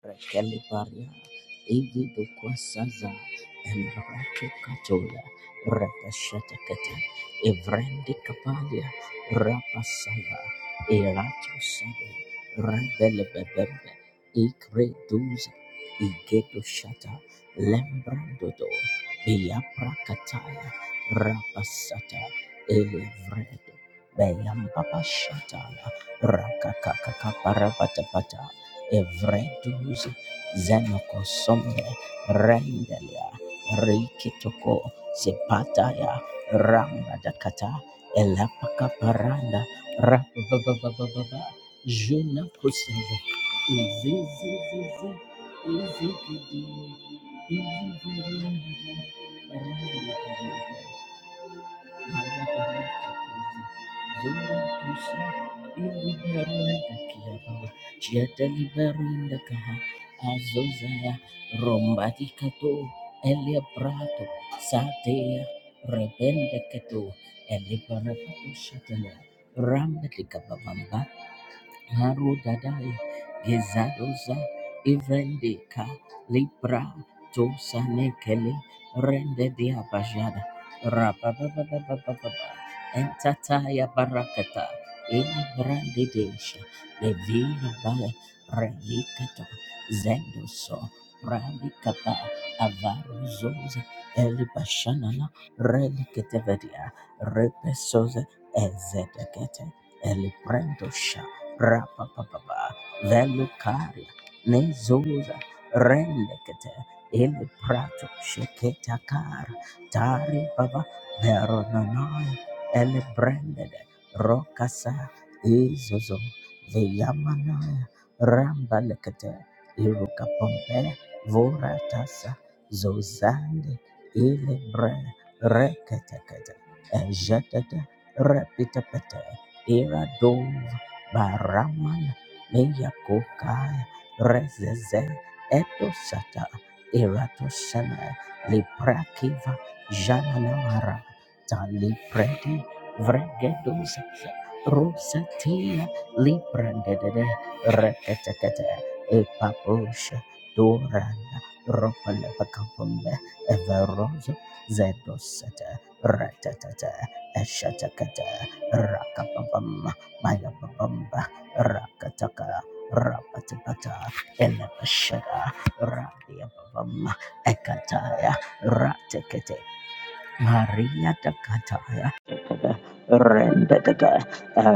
Rekelibaria, Ivi Bukwasaza, and Ratu Katola, Rapashatakata, Evrendi Kapalia, Rapasaya, Eratu Sabi, Rabelebebebe, Ikre Duza, Igeto Shata, Lembrandodo, Biapra Kataya, Rapasata, Elevredo, Beyambaba Shatala, Rakakakaka evredus zenokosomne rendelia reikitoko sepataya rangadakata elapakaparanda rabababababa juna koseve izizizizi izigidi izigiranda Kaha Azuzaya Rombati Kato Elia Brato Satea Rebende Kato Elia Barato Shatana Haru Dadai Gezadoza ivrendika Libra Tosa Nekele Rende Diabajada Rababababababa Entataya Barakata Ilibrandi Desha Levira Bale Relikata Zendoso Radikapa Avaruzoza Elibashanana Relikatavedia Repesoza Ezedekete Elibrandosha rapapapa, velucaria, nezuza, rendekete, ili prato, sheketa kara, tari baba, verononoi, ele brendede, rokasa, izozo, veyamanaya, rambalekete, iruka pompe, voratasa, zozande, ili bre, reketekete, ira do. Baramana Meyakokaya Rezeze Eto Sata Erato Sana Liprakiva Jananamara Tali Preti Vregedo Sasa Rosatia Liprandede Reketekete Epapusha Doranda Ropalapakapumbe Everozo Zedo Sata Ratatata Eshatakata Rakapapam Maya Babamba, Rakataka, Rapatapata, Elevashada, Radia Babamba, Ekataya, Ratekete, Maria da Cataya Rendadada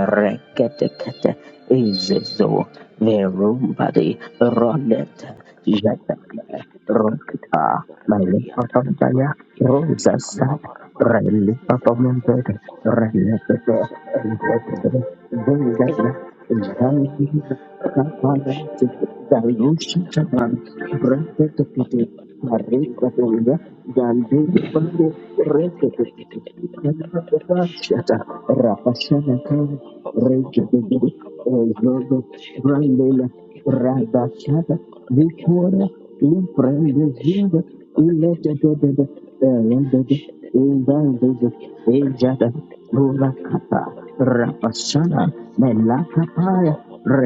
Reketekete Izizo Verumbadi Roneta Bakuri Jetaka bishkete brakete kete Rokipa brakete yanta taka Malipatambaya brakete Rosa lifa Sat favara vadi ninde brakete Relipapamambed ke kurafedi Renekete shakti kolakatu Vendada eyate kete brakete Zandina rapatu Kapada shakete brakete yana Dalusha kataka Taban brakete ya rapata Reketekete brakete bidi bapa Marikatenda brakete kala brakete Zambia Bando Rekatata Rapashana Kare Rekatata Ezodo Brandela Radashata Rapada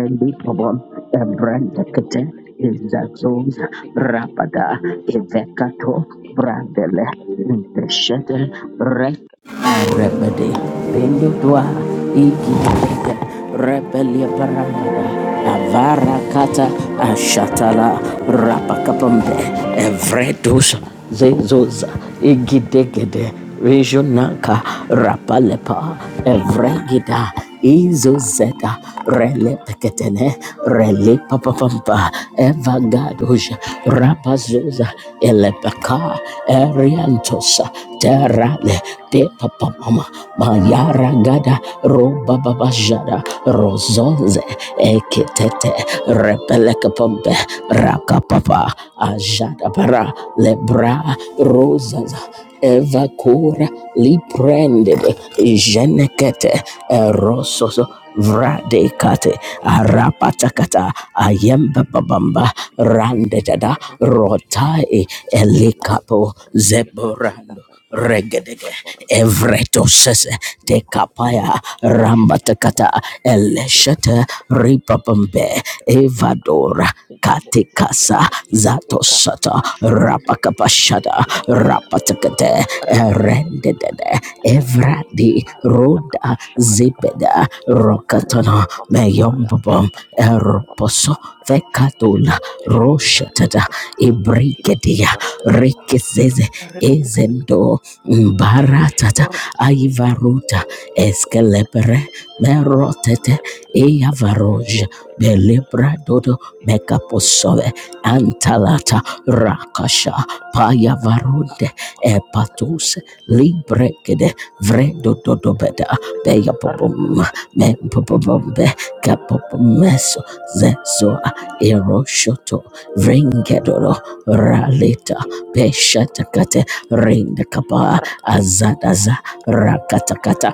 Shit, in Monacaticket of Lacadia, Dicketic to Gorkut for a petitia, Evekato a lapata or Brandele in catapulacova petti, or the Rebede, capitality, or Bendua, taking the cocoa of our Ikideka, petitia, or Rebelia the Parangada, Shibata Baragati, Avara and Kata, the get taken to Ashatala, Borgo to Pushket of the Rapakapambe, Evredus, Zezoza, Igidegede, Regionaka, Rapalepa, Evregida, Izozeta, Relepeketene, Thank Relepapapampa, you. Evagadoja, Rapazoza, Elepaka, Eriantosa, Etera te papa mama mayara gada roba baba jada rozonze eketete repeleke pompe raka papa ajada para lebra Thank you. rozaza evakura liprendede jenekete erososo vradekate arapatakata rande randedada rotai elikapo zeborando regedege evretoses Rakatosh tekapaya rambatakata Thank eleshete ripapambe evadora katikasa zatosata rapakapashada rapatakate erendedede evradi roda zibeda rokatana meyombabam eroposo fekatula roshatada ibrikedia rikizeze ezendo Thank baratata aivaruta eskelepere merotete eavaroj belebradodo mekaposove antalata rakasha payavarunde epatus librekede vredododobeda beyapobom mempobombe kapopomeso zezoa eroshoto you. vrengedodo It's raleta a peshatakate rendekapa azadaza rakatakata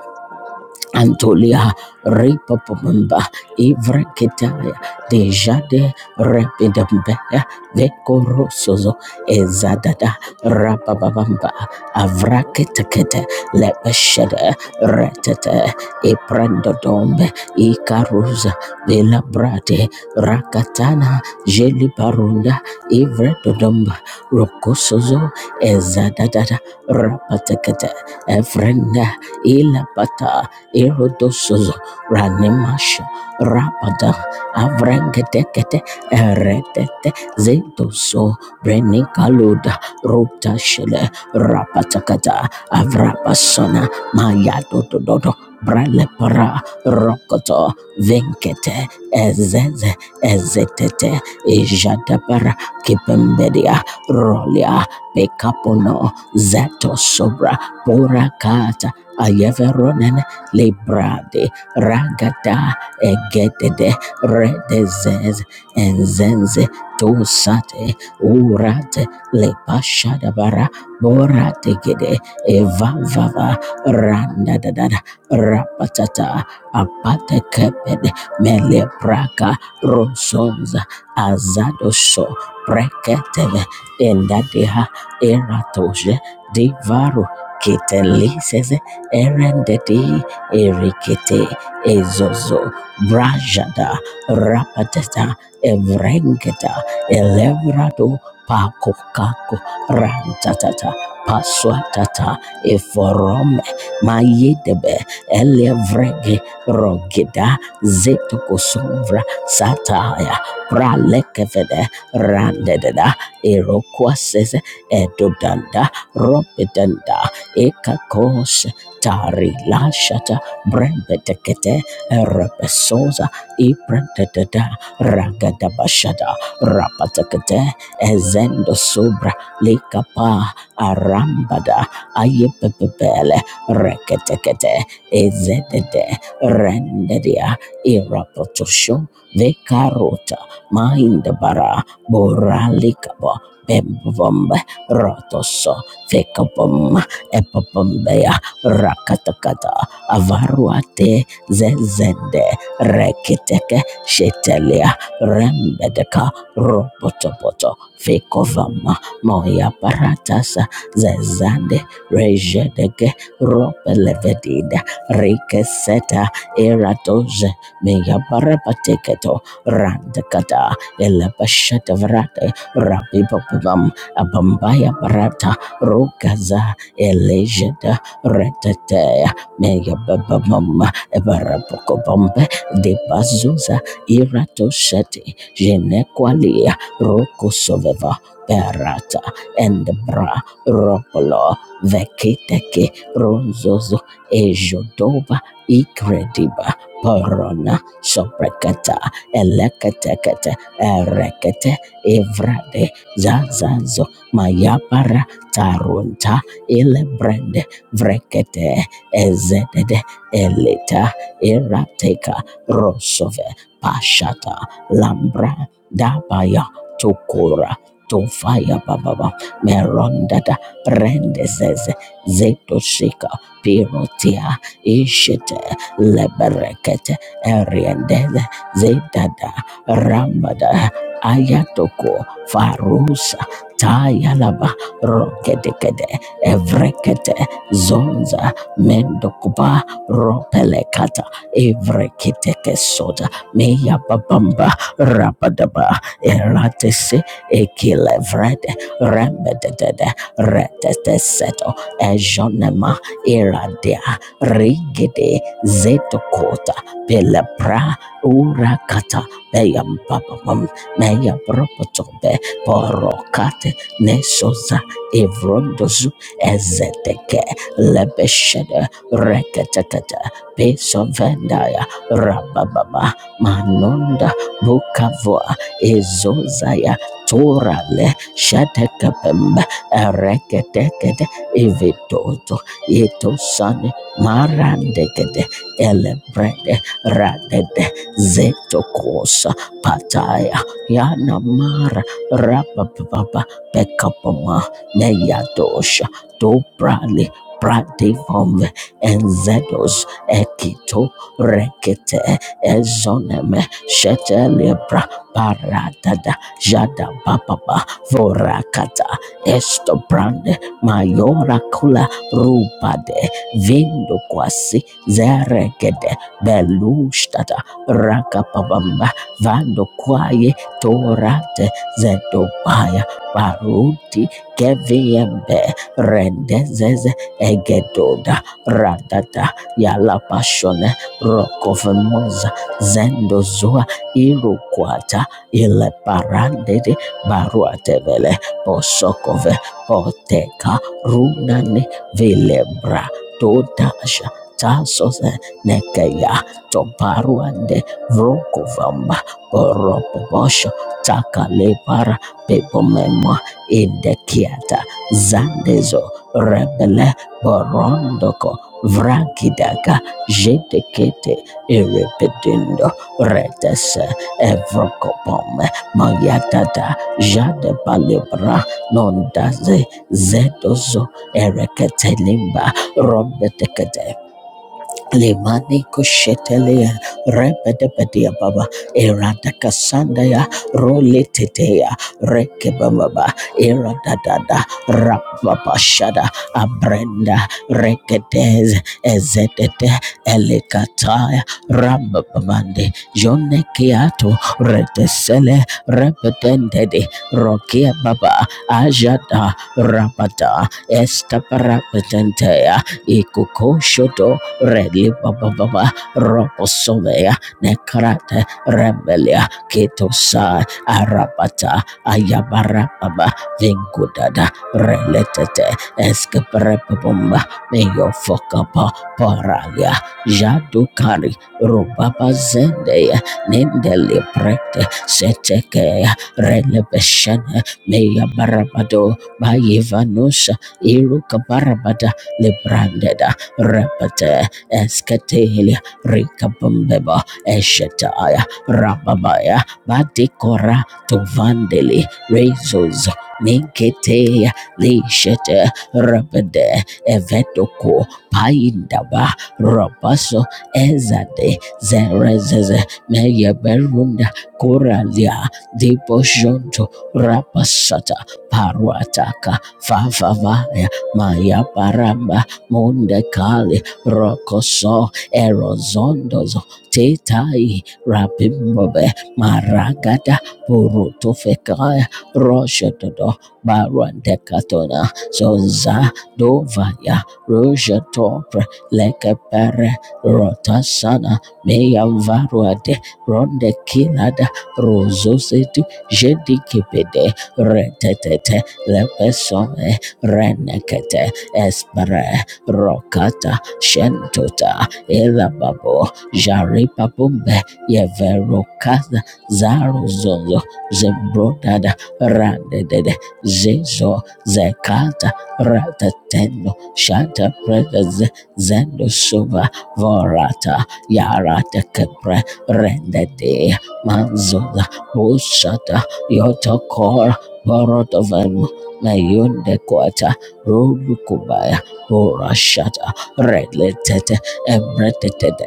Antolia Ripopomba Ivrekitaya Dejade Repidambea Vekorosozo Ezadada Rapababamba Avraketekete don't, Lepeshede Retete Thank you. Iprandodombe Ikaruza Velabrate Rakatana Jelibarunda Ivredodomba Rokosozo Ezadada Rapatekete Evrenda Ilapata Irodosozo Ranimasha Rabada Avrangetekete Eretete Zedoso Brenikaluda Ruta Shele Rapatakata Avrapasona mayato Mayadododo Bralepara Rokoto Venkete Ezeze Ezetete Ijadapara Kipembedia Rolia Pekapono Zeto Sobra Purakata Ayeveronen lebrade ragada egedede redezez enzenze tosate urate lepashadabara borategede evavava randadadada rapatata apatekepede melepraka rosonza azadoso preketeve endadeha eratoje divaru kitelises erendedi erikete ezozo brajada rapatata evrengeta elevrado pakokako rantatata paswatata eforome mayedebe elevrege rogeda zetokosovra sataya pralekevede randededa erokwasese edodanda ropedanda ekakos tari lashata Brendetekete Repesosa Iprentedada Ragadabashada Rapatekete Ezendo Sobra Likapa Arambada Ayepepele Reketekete Ezedede Rendedia Irapotosho Vekarota Mindabara Boralikaba Bembombe Rotoso Fekabom Epabombea Rakatakata avaruate zezende rekiteke shetelia rembedeka ropotopoto fekovama moya paratasa zezande rejedege ropelevedida rikeseta eratoze meya parapateketo randekata elepashetavrate rapipopubam abambaya parata rukaza elejeda retetea megabababam ebarabokobombe debazuza iratoshete jenekwalia rokosoveva berata endbra ropolo vekiteke ronzozo ejodoba ikrediba Porona soprekata eleketekete erekete evrade zazazo mayapara tarunta ilebrende vrekete Ezedede Elita Erateka Rosove Pashata Lambra Dabaya Tokora Tofaya Bababa Merondada Rendezes Zetoshika Pirotia Ishite Leberekete Eriendez Zedada Rambada Ayatoko Farusa Tayalaba Rokedekede Evrekete Zonza mendokuba ropelekata evrekiteke soda meya babamba rabadaba eratese ekilevrede rembedede reteteseto ejonema iradia rigede zetokota pelepra urakata peyambababam meya bropotobe porokate nesoza evrondozu ezeteke lebeshede reketekete besovendaya rabababa manonda bukavoa ezozaya torale shetekepembe ereketekete ivitoto itosane marandekete elebrede radede zetokosa pataya yanamara rabababa pekapama meyadosha dobrali Prativom Enzedos Ekito Rekete Ezonem Shetelebra Paradada Jada Bababa Vorakata Estobrande Mayora Kula Rupade Vindo Kwasi Zeregede Belustada Rakapabamba Vando Kwaye Torate Zedobaya Baruti Keviembe Rendezeze egedoda radada yala pashone rokovemoza zendozua irukwata ile parandede baruatevele posokove poteka runani vilebra todasha tasose nekeya toparuande vrokovamba oropobosho takalepara pepomemwa idekiata zandezo rebele borondoko vrakidaga jedekete irepedindo retese evrokopome mayatata jade palebra nondaze zedozo ereketelimba robetekete Limani kushetelea rebedebedia baba erada kasanda ya roletetea reke baba erada dada, rababa shada abrenda reketez ezetete elekataya rambabamande jone kiato retesele rebedendede rokia baba ajada rabada estaparapetentea ikukoshoto Redi Baba Baba Roposovea Necrate Rebelia Ketosa Arapata Ayabarababa Vinkudada Reletete Escaprepabumba Meyo Fokapa Paralia Jadukari Rubaba Zendea Nindeli Prete Seteke Relebeshene Meya Barabado Bayevanusa Iruka Barabada Lebrandeda Repete Esketelia Rikabumbeba Eshetaya Rababaya Batikora Tovandeli Rezos Minketea Lishete Rabede Evetoko Paindaba Rabaso Ezade Zerezeze Meyeberunda Koralia Deposhonto Rapasata Paruataka Favavaya Maya Paramba Mondekali rokoso erozondozo tetai rabimbobe maragada burutufekaya roshododo barandekatona zoza dovaya rojatopre lekepere rotasana meyavaruade rondekinada rozosetu jedikipede retetete lepesome renekete espere rokata Shentota, Elababo, Jaripa Bumbe, Yeverokaza, Zaro Zozo, Zebrodada, Randedede, Zezo, Zekata, Ratateno, Shanta Prez, Zendo Suva, Vorata, Yarata Kepre, Rendede, Manzola, Bushata, Yotokor, Borotovan, Mayunde Quata, Rodukubaya, Horashata, Regletet Emreteted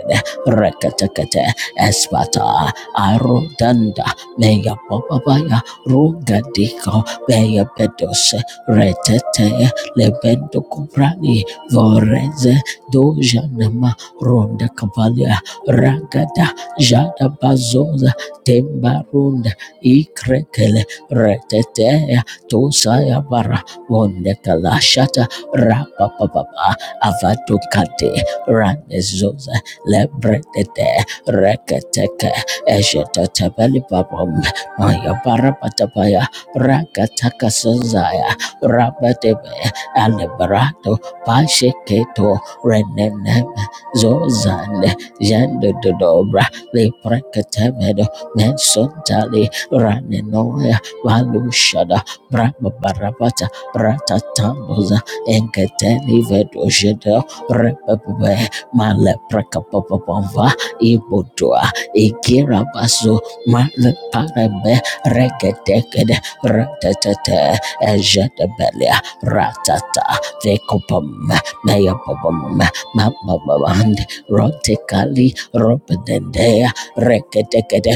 Rekatekete Espata Arudanda Meya Bababaya Rugadiko Meya Bedos Retete Lebendo Kuprani Voreze Dojanama Ronda Cavalia Ragada Jada Bazoza Tembarunda Ikrekele Retete Tosaya Bara Wonde Kalashata Rapapapa avatukate ranezoza lebretete reketeke eshetetevelipapom mayaparapatapaya rakatakasazaya rabatebe alebrato pasheketo renenem zozande jendododobra lepreketemedo mensontali ranenoya valushada brababarabata ratatamos enketeni vedosheda repepebe maleprekapapapava ibotoa ikirabaso maleparebe reketekede retetete ejedebelia ratata vekopam meyapopam mapapavand rotekali ropedendea reketekede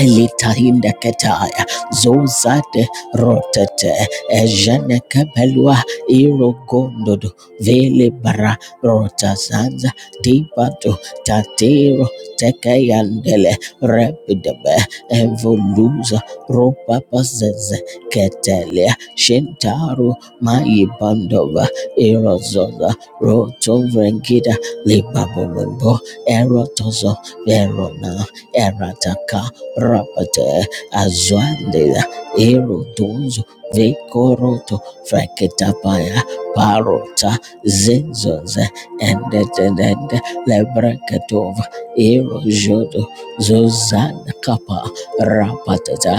litahindaketaya zozate rotete ejenekebelwa irogondodo vele bara rotazanza divato tatero tekeyandele repidebe evoluza ropapazeze ketelia shentaru maibandova irozoza rotovrengida libabomembo erotozo verona erataka rapate azwandela erodozo vekoroto fraketapaya parota zinzoze endetedende lebreketova erojodo zozana kapa rapatata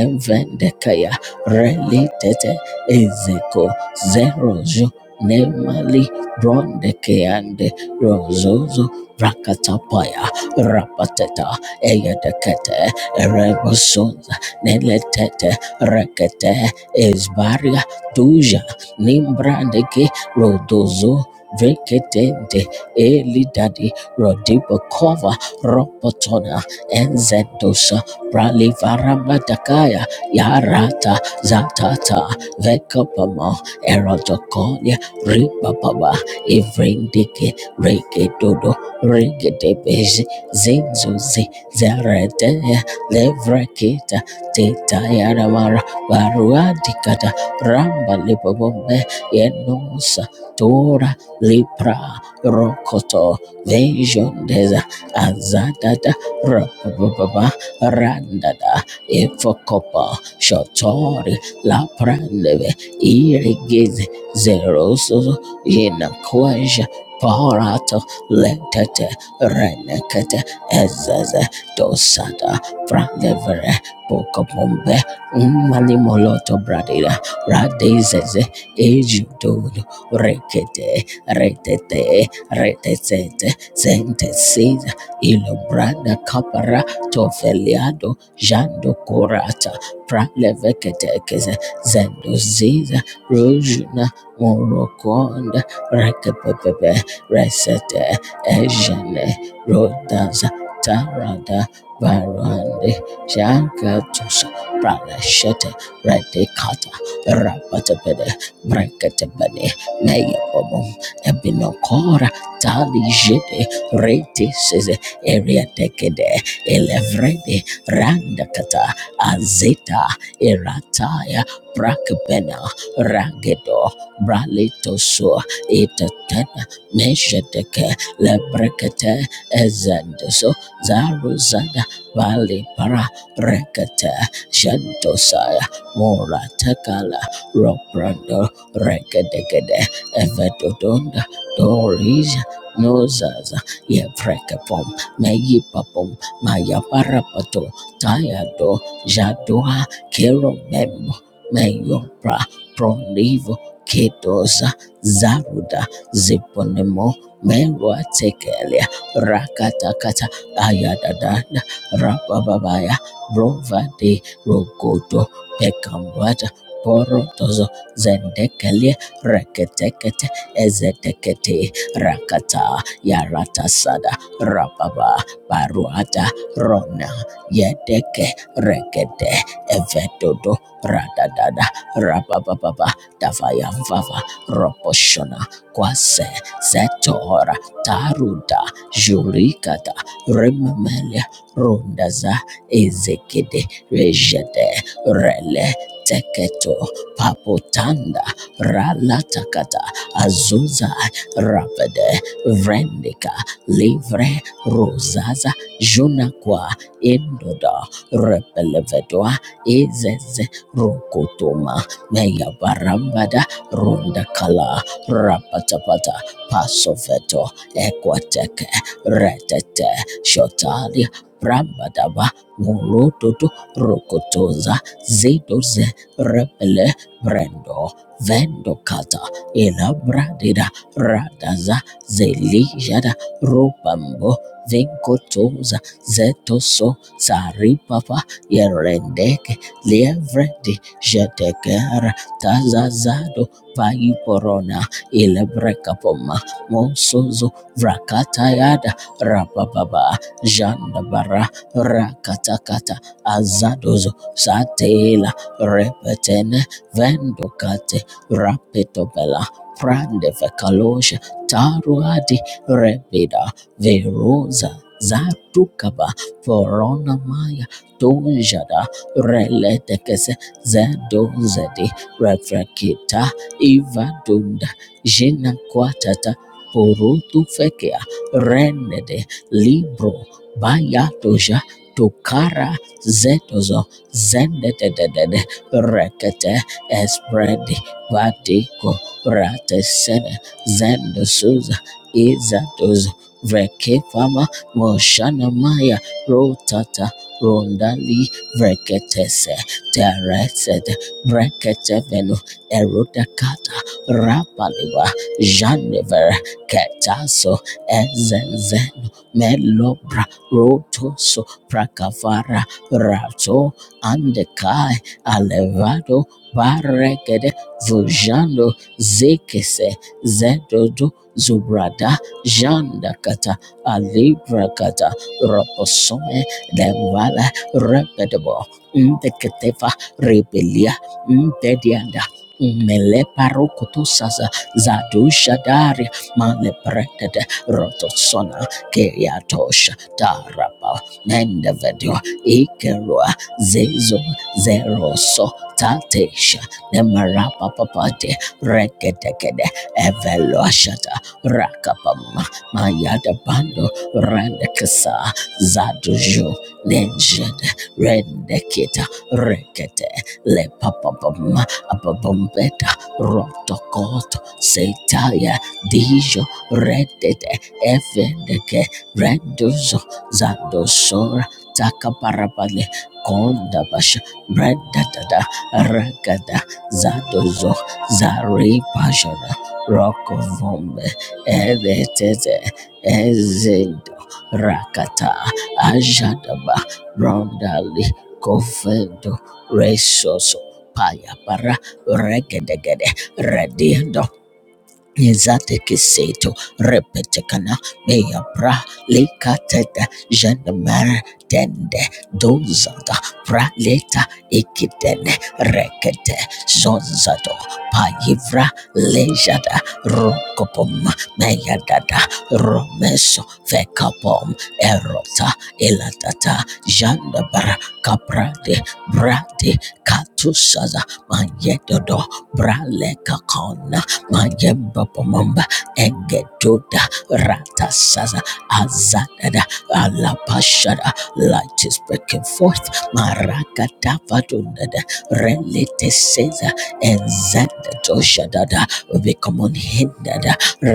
envendekaya relitete ezeko zerojo nemali brondekeande rozozo brakatapaya rapateta eyedekete Reboson Neletete Rekete Esbaria Duja Nimbrandeke Rodozo Veketente Elidadi Rodibakova Ropotona Enzedosa Pralivarabadakaya Yarata Zatata Vekapama Erotokolia Ribababa Evrindike Regedodo Regedebezi Zinzuzi Zerete levrekita teta yaramara baruadikata ramba libobombe yenosa tora lipra rokoto vejondeza azadada rababa randada efokopa shotori laprandeve irigize zerosozo yenakwaja Parato letete renekete ezaze dosada Frangevere, Pocopombe, Malimoloto Bradida, Radezes, Ejudon, Rekete, Retete, Retete, Sentecid, Ilobrada Capara, Tofeliado, Jando Corata, Praleveketekes, Zendoziza, Rojuna, Moroconda, Rekepepepe, Resete, Ejane, Rodas, Tarada, Baruande Shakatusha Pranashete Redicata Rapatabede Brekatabede Nayabomum Ebinokora Tali Jede Retis Area Tekede Elevrede Randakata Azeta Erataya Brakbena Ragedo Bralitoso Etatena Mesheteke Lebrekete Ezandoso Zaruzada Vali Para Rekata Shantosaya Mora Takala Roprando Rekadegede Evedodonda Doris Nozaza Yeprekapom Meyipapom Mayaparapato Tayado Jadoa kero memo Meyopra Pronivo Kedosa Zaruda Ziponemo Merwa Tekelia Rakatakata Ayadadada Rababaya, Rovade, Rogodo, Pekambata, Porotozo, Zendekele, Reketekete, Ezetekete, Rakata, Yaratasada, Rababa, Baruata, Rona, Yedeke, Rekete, Evetodo, Radadada, Rabababa, Davaya Vava, Roposhona, Kwase, Zetora, Taruda, Jurikata, Remamele, Rondaza Ezekede Rejede Rele Teketo Papotanda Ralatakata Azuza Rapede Vrendika Livre Rosaza Junakwa Indoda Repelevedwa Ezeze Rokotoma Meyabarambada Rondakala Rapatapata Pasofeto Equateke Retete Shotali Brambadaba Morototo Rokotoza Zedoze Repele Brendo Vendokata Elabradida Radaza Zelijada Rupambo Vinkotoza Zetoso Saripapa Yerendeke Lievredi Jetekera Tazazado Paiporona Elebrekapoma Monsozo Vrakatayada Rapapaba Jandabara Rakatakata Azadozo Satela Repetene Vendokate Rapetobela Prande Vekalosha Taruadi Rebida Verosa Zatukaba Forona Maya Tunjada Reletekese Zedozedi Refrakita Ivadunda Jina Kwatata Purutu Fekea Renede Libro bayatusha tukara zetuzo zendetedede rekete espredi vatiko ratesene zendosuza izatuzo vrekefama moshanamaya rotata rondali vreketese teresete breketevenu erutakata rapaliwa janevere ketaso ezenzeno melobra Roto rotoso prakavara rato andekai alevado paregede vujando zekese zedodo zubrada janda jandakata alibrakata roposome devala repedebo ndeketefa rebelia mtedianda mele parokoto sasa zadusha daria zadushadari malepretede rotosona keyato tarapa nende vedio ikerua zezo zeroso tatesha nemarapa papate reketekede eveloashata rakapama mayadabando rendekesa zaduju nenjede rendekita rekete le lepapapam ababombeta rotokoto setaya dijo redete evendeke renduzo Zadosor Takaparapale Kondabash Bredadada Ragada Zadozo Zari Pajana Rokovombe Evetete Ezindo Rakata Ajadaba Brondali Kofendo Resoso paya Payapara Regedegede Redio Izate kiseto repetekana meya bra lekateta jandamer tende dozada praleta ikitene rekete zonzato payivra lejada rokopom meyadada romeso fekapom erota elatata jandabar kaprade brade katusaza manyedodo braleka kona majemba pomomba egedoda ratasaza azadada alapashada light is breaking forth marakatavadodada releteseza enzadadoshadada we come unhindered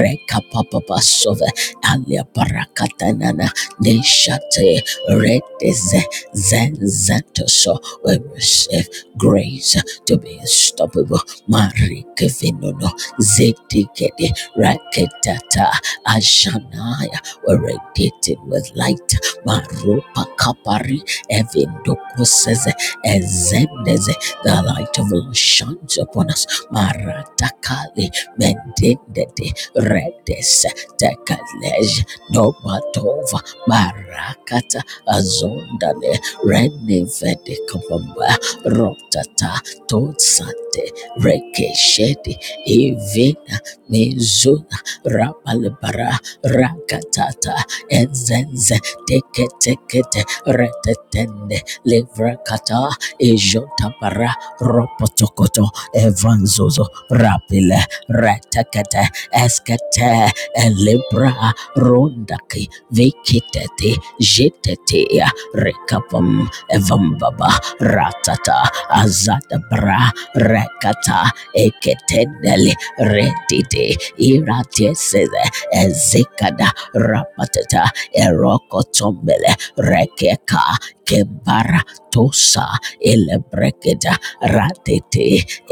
rekapapapasova aliaparakatanana neshate redeze zenzatoso we receive grace to be unstoppable Marikivino Zedigede Raketata Ashanaya were radiated with light. Marupa Kapari Evindokuses ezendeze The light of love shines upon us. Maratakali Mendendede Redes Tekalej Nobatova Marakata Azondale Renevede Kapamba Rotata Totsante Rekeshedi Ivina Mizuna Rabalbara Rakatata Enzenze Teke Tekete Retetende Livrakata Ijotabara Ropotokoto Evanzozo Rapile Retekete Eskete Elibra Rondaki Vikitete Jitetea Rekapam Evambaba Ratata Azadabra Rekata eketendele retite irateseze ezekada rapatata erokotombele rekeka kebara tosa elebrekeda ratete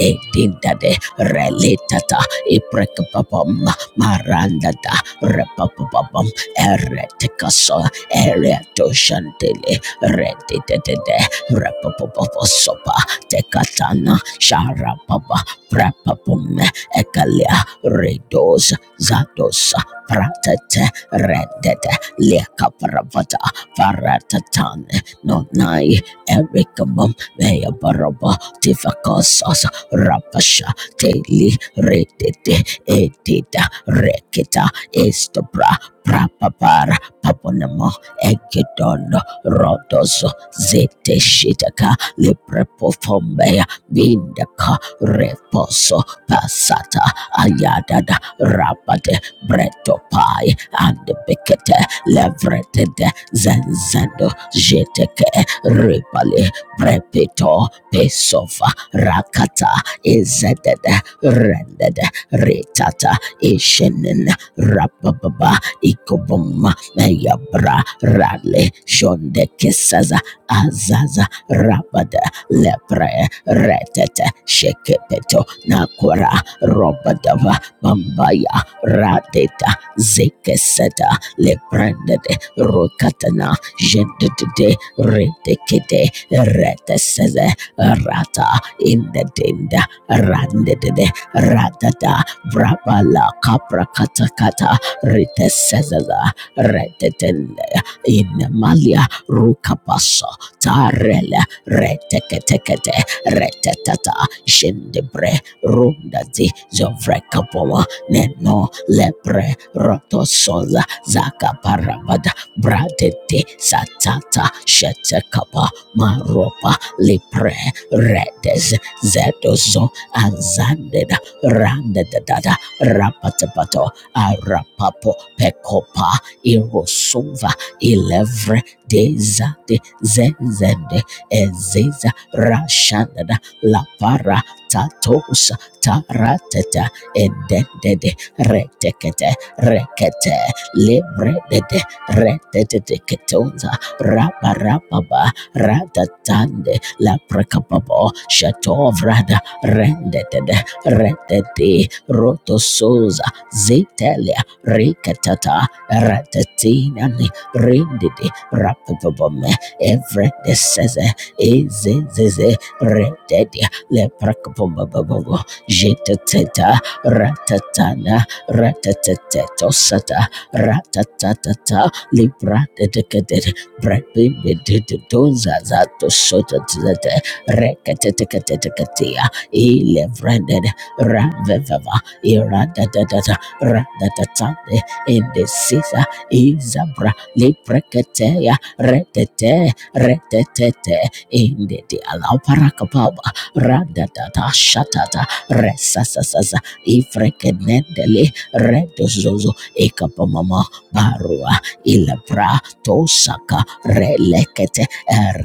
edindade reletata iprekapapam marandata repapapam eretekaso eretoshantele retetete repapapasopa tekatana sharapapa Prapapum Ekalia Redos Zados Pratet Rendet Leka Paravata Paratatan Nonai Ericabum Mea Baraba Tifakosas Rapasha Teli Redete etita Rekita Estobra Prapapara Paponamo Egedono Rodos Zete Shitaka Libre Vindaka Reposo Passata Ayadada Rapate Bretopai and Bekete Levretede Zenzando Jeteke Ripale Brepito Pesofa Rakata Izedede Rendede Ritata Ishenen Rapababa Ikobum Meyabra Rale Shonde Kesaza Azaza Rabada lepre retete shekepeto nakura robadava bambaya radeta zekeseta leprendede rokatana jendede redekede reteseze rata indedenda randedede radada brabala kapra katakata ritesezeza redetende inemalia rukapasa tarele retekete retetata shindebre rundazi zovrekapowa neno lepre rotosola zakaparabada bradete satata shetekapa maropa lipre redes zedozo azandeda randedada rapatepato arapapo pekopa irosova ilevre dezade zezende Ezeza Rashandada Lapara Tatos Tarateta Edendede Retekete Rekete Libredede Retete Ketonza Raparapaba Ratatande Laprakapabo Shatovrada Rendetede Retete Rotosoza Zetelia Rikatata Ratatinani Rindidi Rapabome Everett says Izezeze Rededia Leprakbombabobo Jeteteta Ratatana Ratatetetosata Ratatatata Libra Dedecated Brebidididozazatosotete Recatetecatetecatea Elevranded Ravevava Iradadadata Ratatatande Indecisa Izabra Liprecatea Retete Retetete indete alauparakapaba radatata shatata resasasaza ifrekenendele redozozo ekapamama barua ilabra tosaka relekete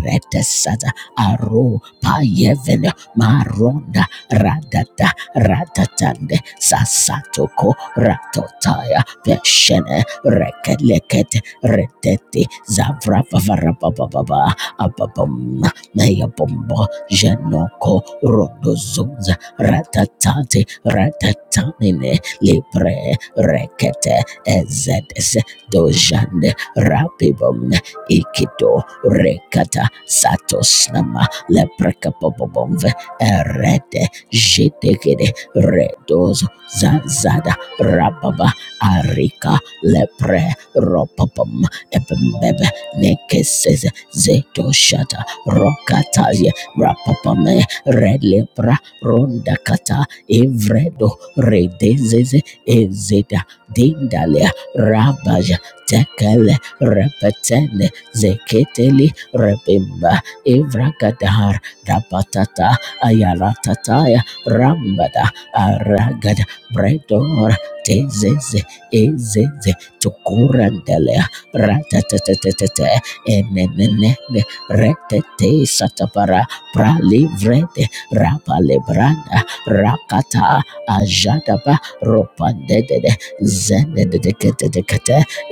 retesata aro payevene maronda radata ratatande sasatoko ratotaya peshene rekelekete retete zavravavarapapaapa ababam na ya bombo jenoko rodozunza ratatate ratatamine libre rekete ezedes dojande rapibom ikido rekata satosnama leprekapobobomve erede jedegede redozo zazada rababa arika lepre ropopom ebembebe nekeseze zeto shata rokataye rapapame relebra rondakata evredo redezeze ezeda dindale rabaja tekele repetele zeketeli rebimba evragadar rabatata ayaratataya rambada aragada bredor tezeze ezeze tukurandelea ratatatatata enenene Retete Satapara Pralivrede Rapalebranda Rakata Ajadaba Ropandede Zenedekete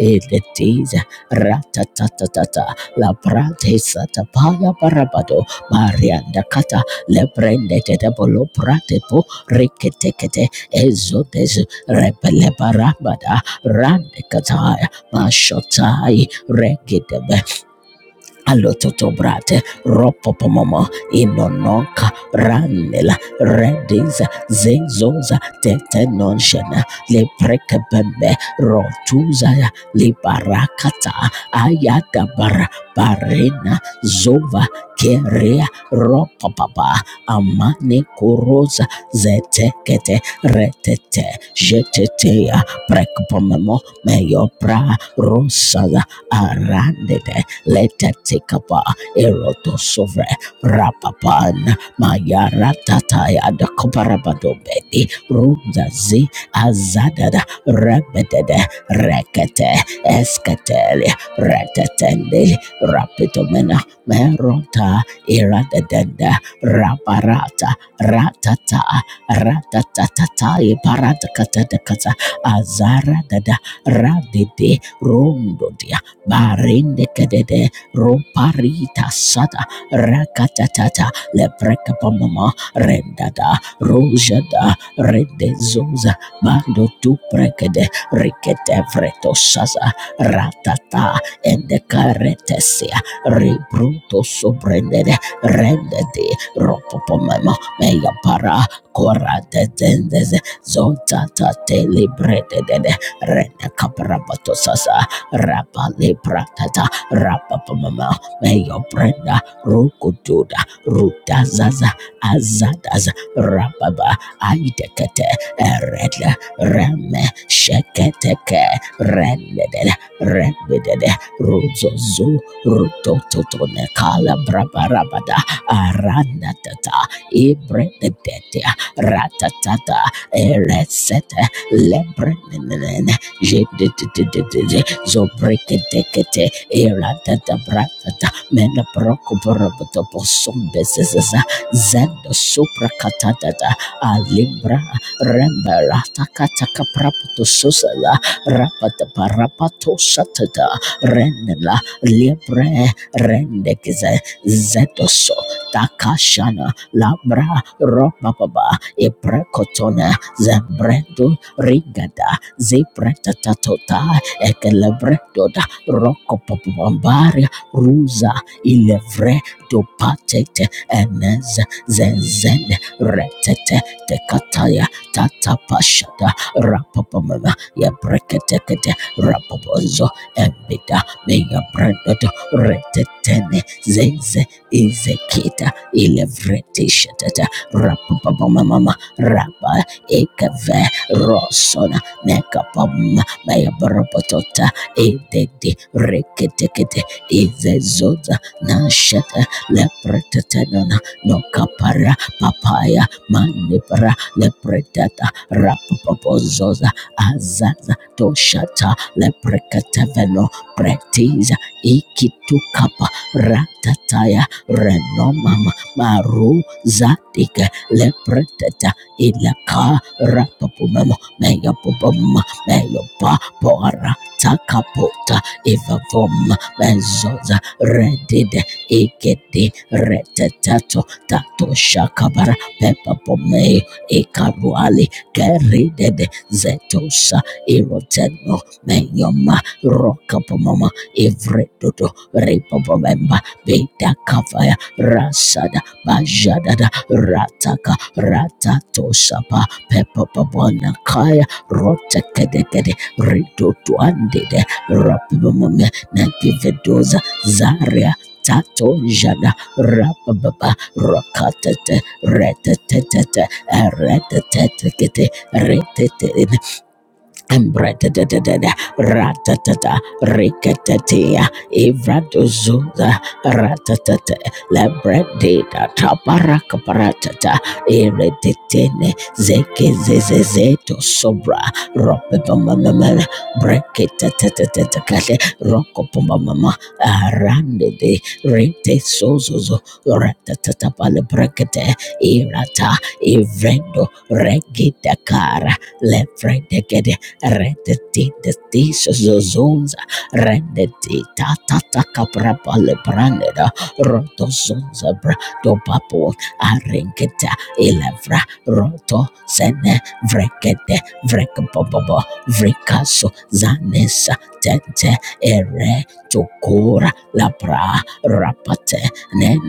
Edetiza Ratatatata La Prate Satapaya Parabado Marianda Kata Lebrende Tedabolo Pratepo Riketekete Ezodes Rebelebarabada Randekataya Mashotai Regidebe Alototobrate, Ropopomomo, Inonoka, Ranela, Redis, Zezoza, Tetenonshena, Leprekebembe, Rotuzaya, Libarakata, Ayadabara, Barena, Zova, Kerea, Ropopapa, Amane Kuroza, Zetekete, Retete, Jetetea, Prekpomomo, Meyopra, Rosala, Arandede, Lete tekapa eroto erotosovre rapapan mayarata ya mayaratataya bedi runzazi azadada rebedede rekete esketele retetende rapitomena merota iradedenda raparata ratata ratatatatai paratakatakata azara dada radede rondo dia barinde kedede romparita sata rakatatata lepreka pomama rendada rojada redezoza bando tu prekede rikete vreto saza ratata ende karetesia rebruto sobrendede rendede ropopomema meya para korate tendeze zonta tele bredede rende kaprabato saza Rapale Pratata Rapapamama Mayo Brenda Rukududa Rutazaza Azadaza Rapaba Aidekete Eredla Reme Sheketeke Rendede Rendede Ruzozu Rutototone Kala Brabarabada Aranatata Ibredete Ratatata Eresete Lebrenene zobreke dekete irada da bratata mena broko boroboto bosom bezezaza zendo supra katata da alibra remba rata kataka praputo susala rapata parapato satata renela libre rendekeze zedoso takashana labra robababa ibrekotona zebredo rigada zebretatota ekelebredoda rokopopopambaria ruza ilevre dopatete eneze zenzene retete tekataya tatapashada rapapamama yebreketekete rapopozo embida meyabredodo retetene zeze izekita ilevretishatata rapapamamama rapa ekeve rosona nekapam bayabarapatota edede reketekete ivezoza nashata lepretetenona nokapara papaya manipara lepretata rapapopozoza azaza toshata leprekateveno pretiza ikitukapa ratataya renomama maru zatike lepreteta ilaka rapapumemo megapopoma meyopa pora takapota evavom bezoza redide ikete retetato tato shakabara pepapome ikaruali keridede zetosa iroteno menyoma rokapomama ivredodo repopomemba bedakavaya rasada bajadada rataka ratatosa pa pepa pabona ratatosapa pepapabonakaya rotekedekede ridotwanded rapmum nantivedoza zaria tatonjada rapababa rakatet retetetet retetetekete retetet Embretadadada, ratatata, ricatatea, evradozuza, ratatata, labradida, taparakaparatata, eredetene, zekezezezeto, sobra, ropepamamamana, breketatatatatakate, rokopomamama, arandede, rete sozozo, ratatatapale brekete, irata, evredo, regidakara, lefredegede, rendete de tisa zozonza, rendete ta ta ta capra pale brandeda, roto zonza bra do papo, arenketa elevra, roto sene vrekete vrekpopopo, vrekaso zanesa tete ere tokora labra rapate nen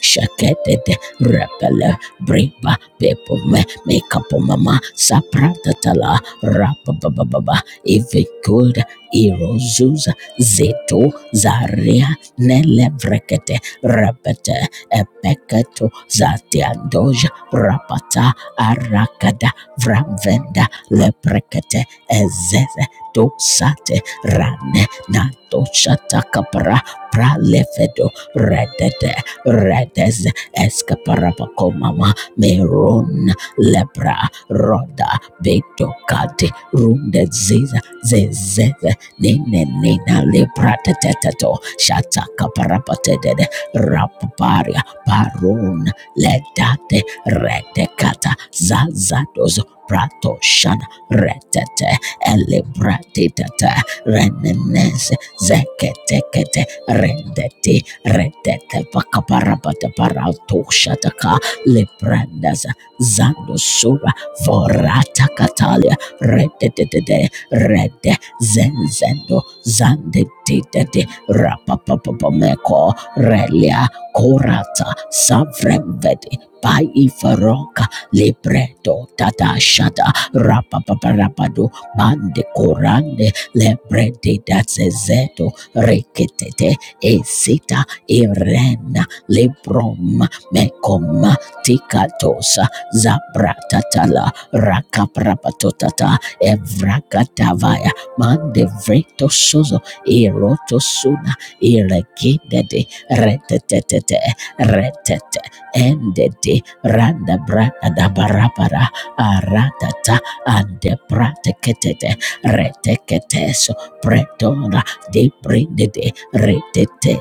shakete repele briba pepo me make up mama sapra tatala Rapababa, Ivikod, Irozuz, Zeto, Zaria, Nelevrekete, Repete, Epeketo, Zatiandoja, Rapata, Arakada, Vravenda, Leprekete, Ezeze, Dosate, Rane, Natoshatakapra, Pralefedo, Redede, Redes, Escaparapakomama, Meron, lepra, roda, beto, kate, runde, ziza, zezeze, nene, nina, lepra, teteteto, shataka, parapatedede, rapaparia, parun, ledate, redekata, zazadozo, prato, shana, retete, elebratitete, renenes, zeketekete, rendeti, retete, pakaparapata, parauto, shataka, leprandas, Zandosura Forata Catalia Rededede Rede Zenzendo Zande Dede Rapapapameko Relia korata Savremvedi Pai Faroka Libreto Tata Shada Rapapaparapado Bande Corande Lebrede Dazezeto Reketete Esita Irena Librom Mekoma tikatosa. Zabratatala Rakaprapatotata Evrakatavaya Mandevreto Sozo Erotosuna Eregedede Retetete Retete Endede Randa Brada Barabara Aratata Ande Prateketete Reteketeso Pretona De Brindede Retete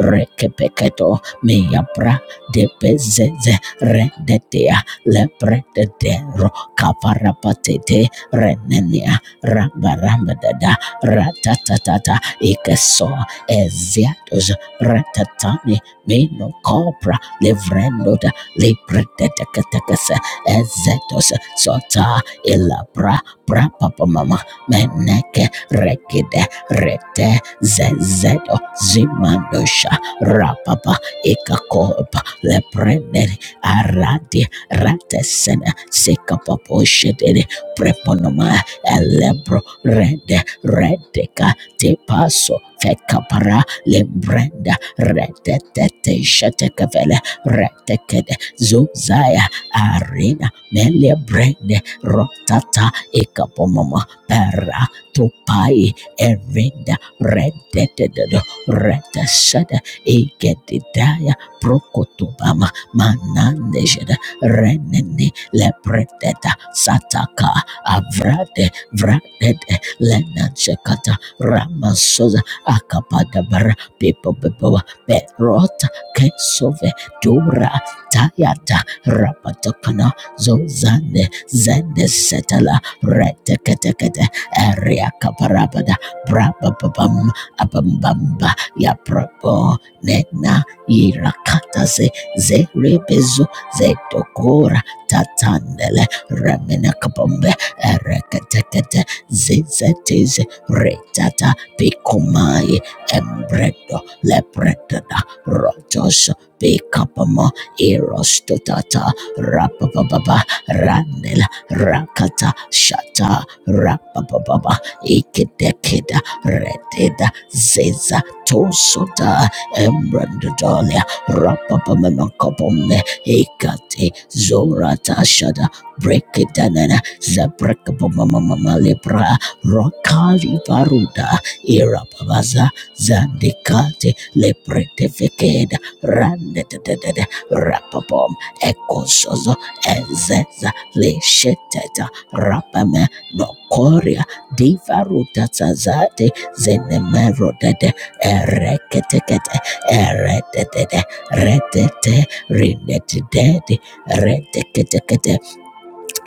Rekepeketo Meyabra De Bezeze Rendetea leprededero kaparapatete renenia rambarambadada ratatatata ikeso eziatos ratatani meno copra livrendoda liprededeketekese ezetos sota ilabra prapapamama meneke rekide rete zezedo zimandosha rapapa ikakopa leprenderi aradi ratesene sekapapo shedede preponoma elebro rede redeka tepaso fekapara lembrenda redetete shetekevele retekede zuzaya arena melebrende rotata ekapomoma para topai erenda redetedodo retesede ikedidaya prokotobama manandejede renene lepreteta sataka avrade vradete lenansekata ramasoza akapadabara pipopepoa perota kesove dura tayata rapatokana zozane zende setala reteketekete eriakaparabada brabababam abambamba yaprabo nena irakataze zerebezo zetokora tatandele remina kabombe ereketekete zizetize retata pikomai embredo lepretata rotos pikapamo irostotata rapapapapa randela rakata shata rapapapapa ikedekeda reteda ziza tosota embrandodolia rapapamana kabombe Ikate Zorata Shada Brekedanana Zabrakabamamalebra Rokali Varuda Irababaza Zandikate Lepretefekeda Randetete Rapapom Ekosozo Ezeza Lesheteta Rapame Nokoria Divaruta Zazate Zenemerodede Ereketekete Eretete Retete Red, dead, renetidede, retekete,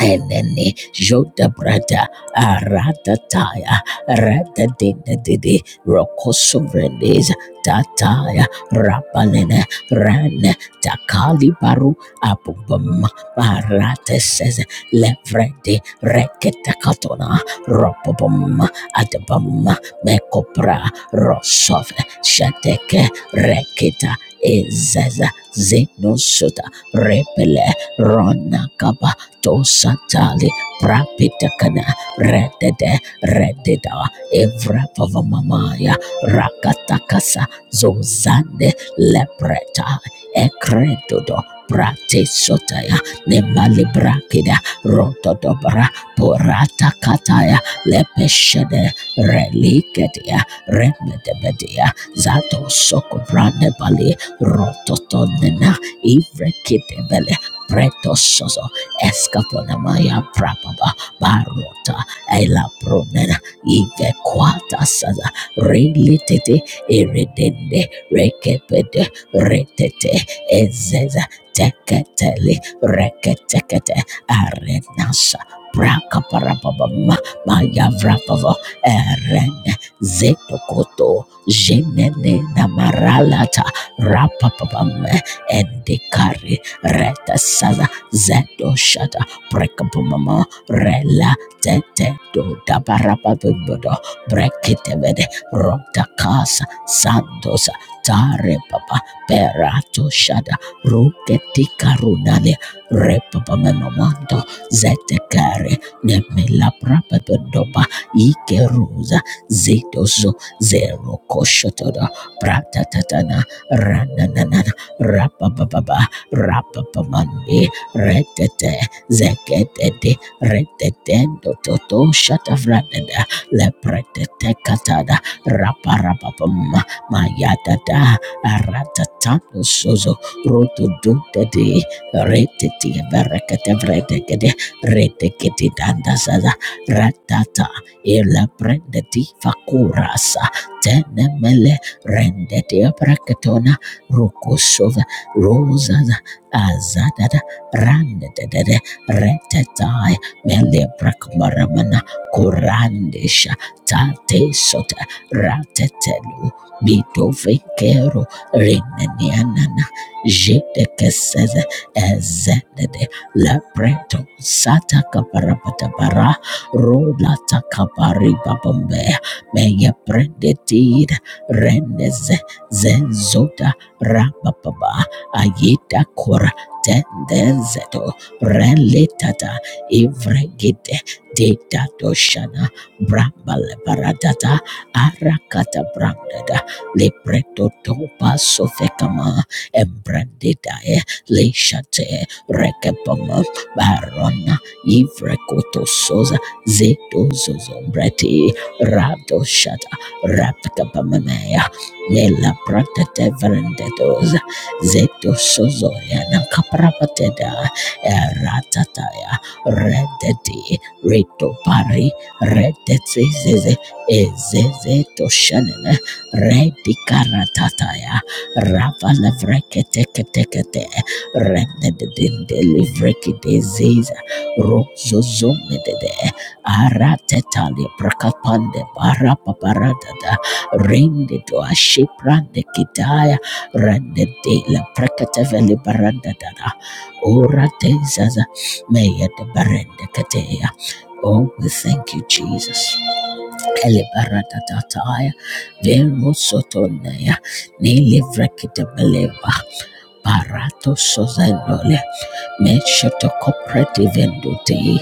Eleni joda Brada Arata Taya Rata Dinda Didi Roko Sovereigns Tataya Rapalene Ran Takali Baru Apubum Barate says Levredi Reketakatona Ropobum Adabum Mekopra rosove, Shateke Rekita Ezeza Zenosuta Repele Rona kaba tosatali prapitakana redede rededa evrapavamamaya rakatakasa zozande lepreta ekredodo pratesotaya nemalibrakida rotodobra poratakataya lepeshede relikedia remedebedia zatosokovranebali rototonena ivrekidebele pretosozo Escaponamaya Prababa Barota Ela Promena Ive Quata Sada Relitete Eredende Rekepede Retete Ezeza Teketele Reketekete Arenasa Prakaparababama Maya Vrapava Eren Zetokoto Jenene Namaralata Rapapabam Endikari Reta Sada Zendo shada brekabumama rela tete do dabarababudo brekitevede rota casa sandosa tare papa perato shada ruketika runale repapa menomando zete kare nemela prapadoba ikeruza zidozo zero koshotoda pratatatana rananana rapapapa rapapamande Retete zeketete retete dototo shatavradada lepretete katada raparapapam mayadada aratatando sozo rotodotede retete verekete vredekede retekete dandasaza ratata eleprendeti fakurasa tenemele rendete braketona rokosova rosaza azadada randedede retetai melebrakmaramana kurandesha tatesota ratetelu bidovenkero rinenianana jedekeseze ezedede lepreto satakaparapatapara rolatakaparibabombe meyeprendetid rendeze zenzota rabababa ayita kora tendenzeto reletata ivregide doshana brambale paradata arakata brandada libreto topa sofekama embrandidae leshate rekepama barona ivrekoto soza zeto zedozozombreti radoshata rapkapamamea nella prantete verendetos Zeto Sozoya Nakaprapateda Eratataya Redeti Reto Pari Redetzize Ezeze Toshanene Redi Karatataya Ravala Vreketekete Rededindeli Vrekideziza Rozozomedede Aratetali Prakapande Barapaparadada Rende to Ashiprande Kitaya Rande de la prakateveli baranda dada. Ora de zaza meya de barende kateya. Oh, we thank you, Jesus. Elibarata tataya, vero sotonaya, nili vrekita beleva. Barato sozendole meshoto kopreti vendute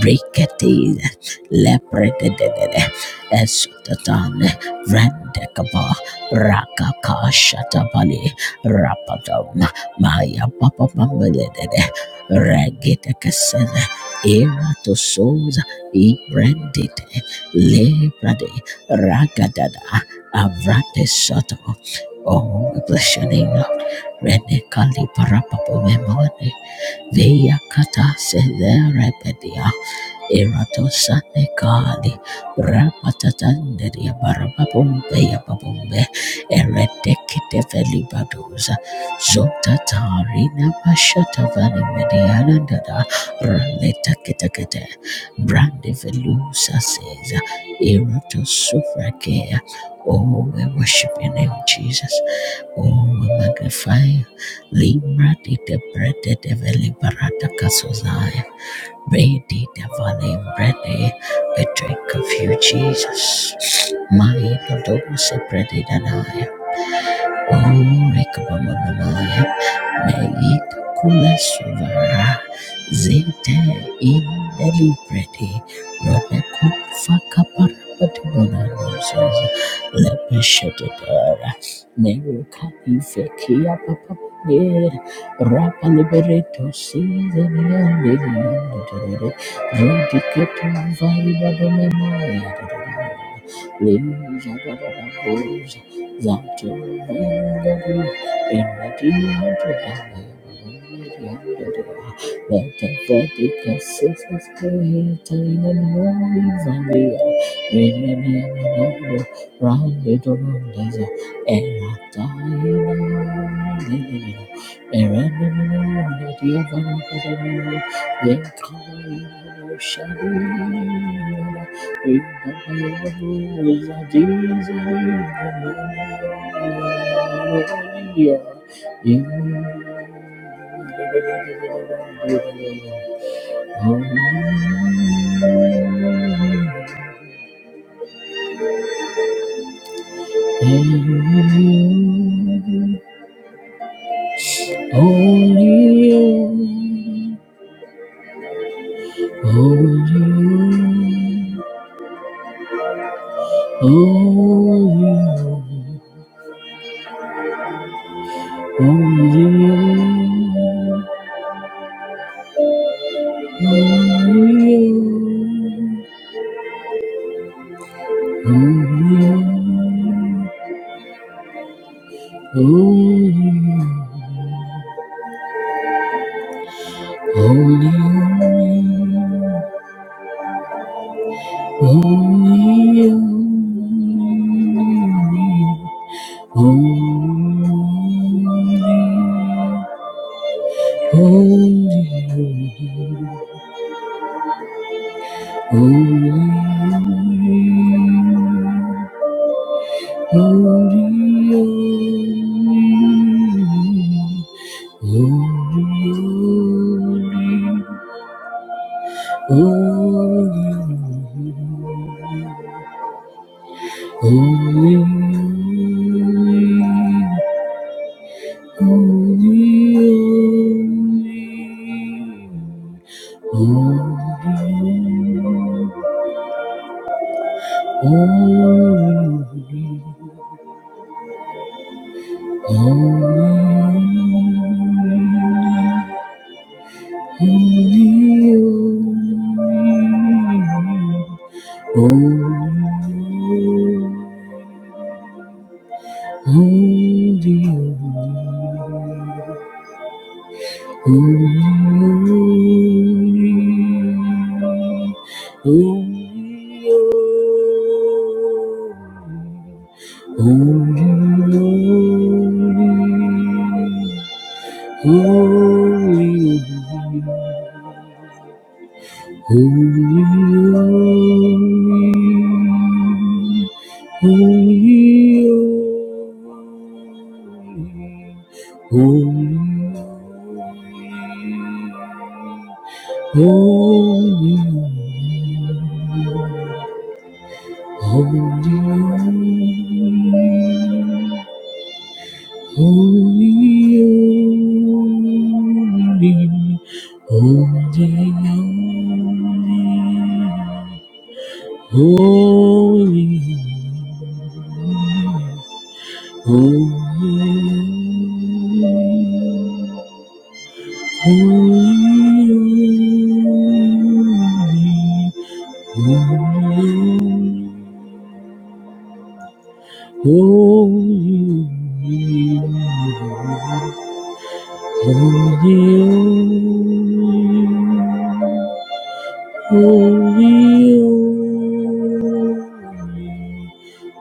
briketi leprete dedede esutatan rendekaba rakaka shatabali rapadom maya papa mambelede regete kesene era to soza i brandite leprade ragadada avrate soto Oh, bless your name, Lord. Rene Kali Parapapo Memone Veya Kata Severepedia Erato Sane Kali Rapatatanderia Barababumbe Yababumbe Eredekite Felibaduza Zota Tarina Mashata Vani Mediana Dada Raleta Kitakete Brande Velusa says Erato Sufrakea Oh, we worship your name, Jesus. Oh, we magnify Libra di Debrede de Veliberata Casozai. Brady de Valley Brede, we drink of you, Jesus. My Lord, oh, so Brede and I. Omrekabamamamaya Nayikula Suvara Zinte in Delibrati Robeku Fakaparabadibona Noses Lepeshetara Merukani Fekia Papa Rapa Liberato Season Yandere Redicator linja Lisa Thank you. Only you, only you, only you. Holy, holy, holy, holy, holy, holy, holy, holy, holy, holy, holy. Oh, Holy, holy, holy, holy, holy, holy, holy. Holy, holy, holy. Holy, holy, holy, holy.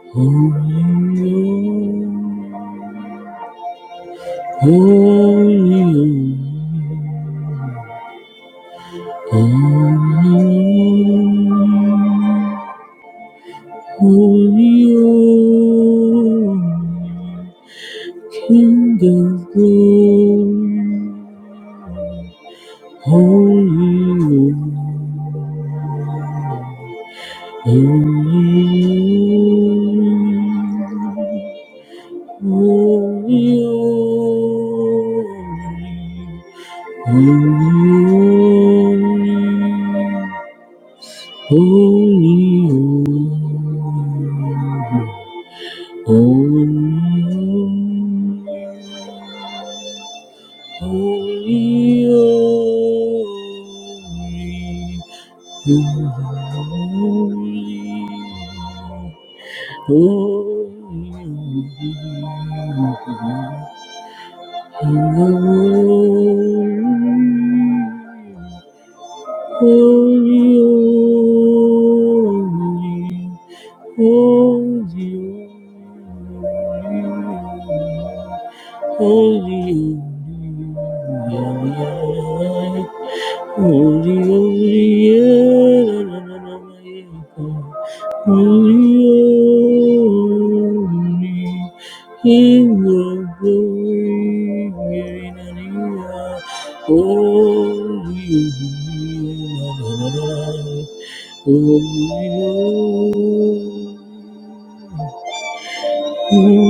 Holy, holy, holy, holy, holy, Holy, holy, holy, holy. Only you. Only you. Holy, holy, holy, holy, holy, Only you, only you, only you, yeah, yeah. yeah. Holy, holy, yeah, na, na, na, na, yeah, God. holy, holy, King glory, yeah, na, na, na. holy, holy, na, na, na, na. Holy,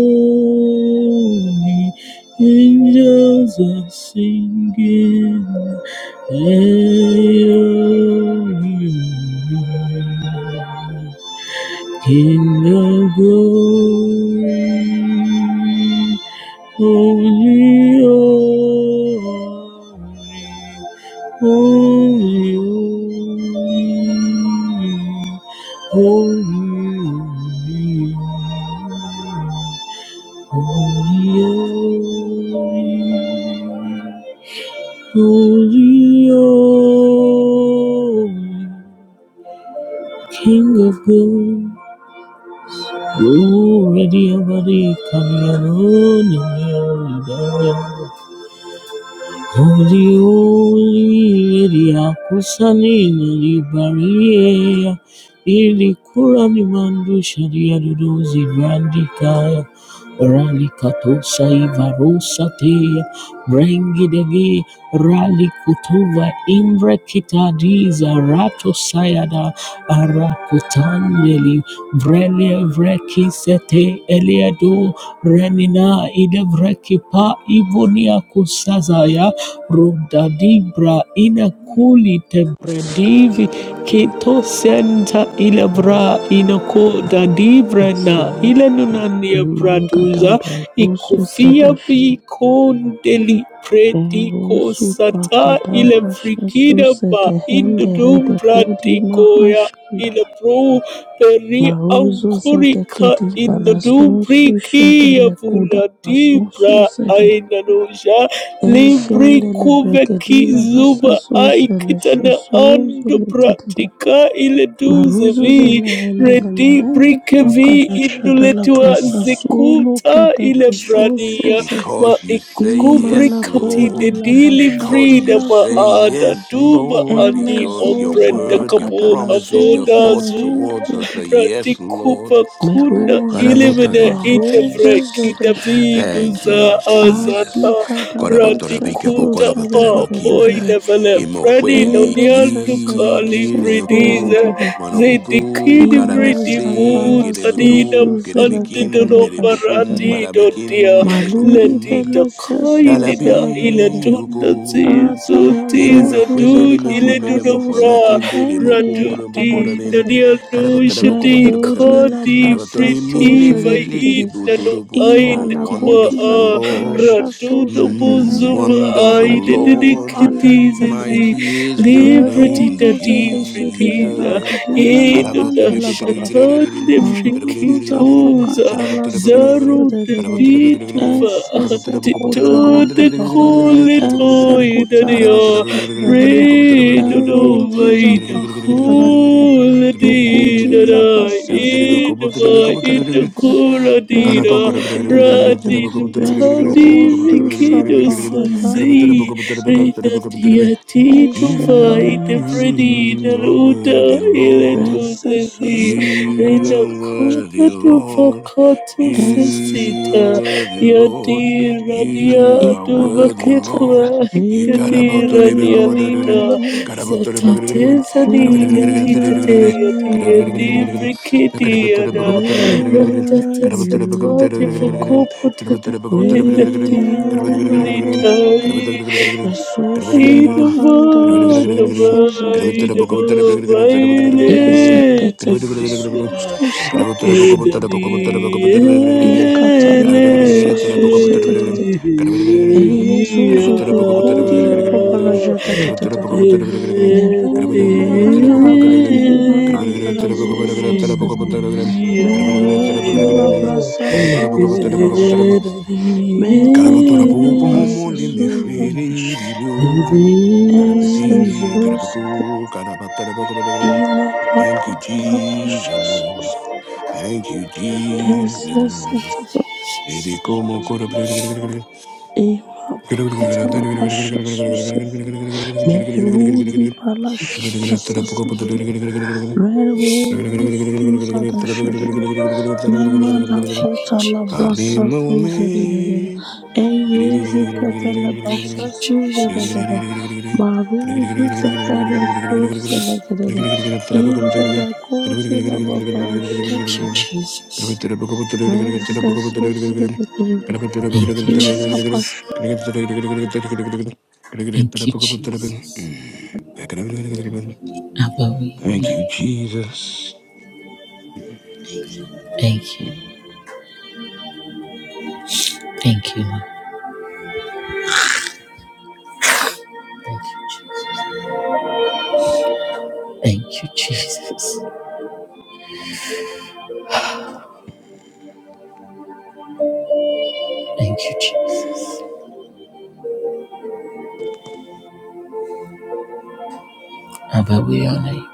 holy, angels are singing. Hey, holy, holy. King of glory, holy holy, holy, holy, holy, holy, holy, holy, King of glory. Ooh, ready, ready, come here, Lord, in your Uliuli liliakusanywa libalie, lilikula limandusha liaduduzi vandikaya ralikatosa ivarosatea brengidegi ralikutuva imbrekitadiza ratosayada arakutandeli vrelevrekisete eliado renina idevrekipa ivoniakusazaya Rodadibra ina kuli tebredivi kito senta ilabra Lord. ina ko dadibra Yes, na Lord. ila nunania braduza Imangadabra zuzu ikofia sedeshin. bikondeli Eru prediko supa sata ila kadabra shesu frikida ba sede hende hede indodum kudi bradikoya ila mahashandala. bro peri Maruzu sede ankorika kedi bala indodum susu brikia shedele kuda basusu buladibra sede. aina noja Libri Eshendele kuveki bregedila zuba basasu sele aikitana shesu ando zule bratika ile duze Maruzu vi zelehendele redi mehendele brike vi makadashadala induletua prasasulo zikuta ile vrania kedebeshosoze ma Because you say imana yes, ikukubrikati kodi de Lord. la dili bashadu Because vrida you la ma say sosede ada yes, duba Lord. ani Because your emezoza ombrenda word, your kapo pakadala promises, your sozo thoughts avodazu. lehende towards us are yedede yes, Lord. Ratikupa kuna meruzu Karaboto, ilimine thank you, zaparuzu indavre Jesus. zedeshedele Thank you, kidaviduza azata Jesus. asukada Korabotora bikabo radikuta prasasosede pa korabotora bakimala. dededede poinavale prani Imofuele noniandu eresese ki kali bridize prasasozede kiremeku manobuku zidikidivri karamese Imazapala dibutadinam kirebutu kirebekin Andidono sosuzelekelele derebukum barati bashadada. do dia marabekin Maluri leti delebukum. da bele kaidina ila sesuzelekelele. tunda Kalabiruko. zizu Dele tiza me fue, du me Atarazozuza le me fue, ile me le me fue, bra kambrazozele hende yada Raduti, barazozele. Daniano, Shadi, Rekodi la Kadi, brasa Briti, Vain, sozelekelele. Nano, kibuturubu. Ain, Oh, Kuma, Imanakodi wonderful la Ah, Lord. babarasha Radu, sozele Dabo, Mm, hende Zuma, ya wonderful Ain, bakadila Nini, ma Lord. anda Kati, shadada. Zazi, Mighty is your Liberty, name, Meruzu Nadi, zedeshede Vritiza, Jesus. lebakadina In, Da, mahanda Carabatelepe, lababa. Shatan, Maruzu Vrikituza, zapakata la susu Zaru, dedede. Dadi, Karabakura Tuva, Ensese kuta la Tito, bababa. Nicole, Ense Toy, kuta la Dania, shada dedede. Pray to Eruzu away the zapakata la baba. quality Rukuti that la I basasu in my in zedekede the dedede. quality Rende that yekede dedede. Rani Rezu Lutati su Mikido sapahada Sazi lusu. Renatia Tito Enshede Vai the Bredi you are Naluta worthy, Iletu Lord. Sazi You Resusopakata are Renakota worthy, to Lord. Fakato esses You Sasita are worthy, Yadi Lord. Rania You are to worthy, imanakuta. Lord. Vakepua You got about Without the Kadira river, come on, Nialita you, got about the river, got Zatate about Sani the river, got about need the river, Latite Yadi got you, about the Yadi river, Lord. got Brikiti about the river, got Yada about the river, got Great are Ratata about the river, got about you, the river, got about the Satati Lord. river, got Fakopata about the river, got about the river, got about the river, got about the Great Vedati are river, got about you, the river, Gracias. Lord. Olitai Resource mahanda Idavata resources Vaidano Violet ezekete Disease resources Thank safashad you, Jesus. ikata la brasa Eyezuzu lokodi la babaraja da da da da da. Merenene me andara katili ma andara zuzu sedede. Merozu la brasa su sele şedede. Mekutu Karabatola la popo momo brasa su limi sele fili şedede. bilu. Ese Karabati, su sele. karabaku, karabatarabakabadagaram. İma Thank you, brakata la brasa su sele. Jesus. Thank you, Ese sete Jesus. Dede como kora- pre- pre- pre- pre- pre- Emabakatala Pasha Susedede Merudi Palasha Sasadede Reru Susada Shedede pre- Imanakota Kami Labrasa Susedede Thank Eyezi Katala Thank Pasha you, Jesus. Susedede Maruzu Zepere Susedede Interekote Lababasha Thank you, Susedede Jesus. Mese Susedede Thank you, Isa Jesus. Thank you, Jesus. Above your you, name. Jesus. Thank you. Thank you, Lord. Thank you, Jesus. Thank you, Jesus. Thank you, Jesus. Above your name.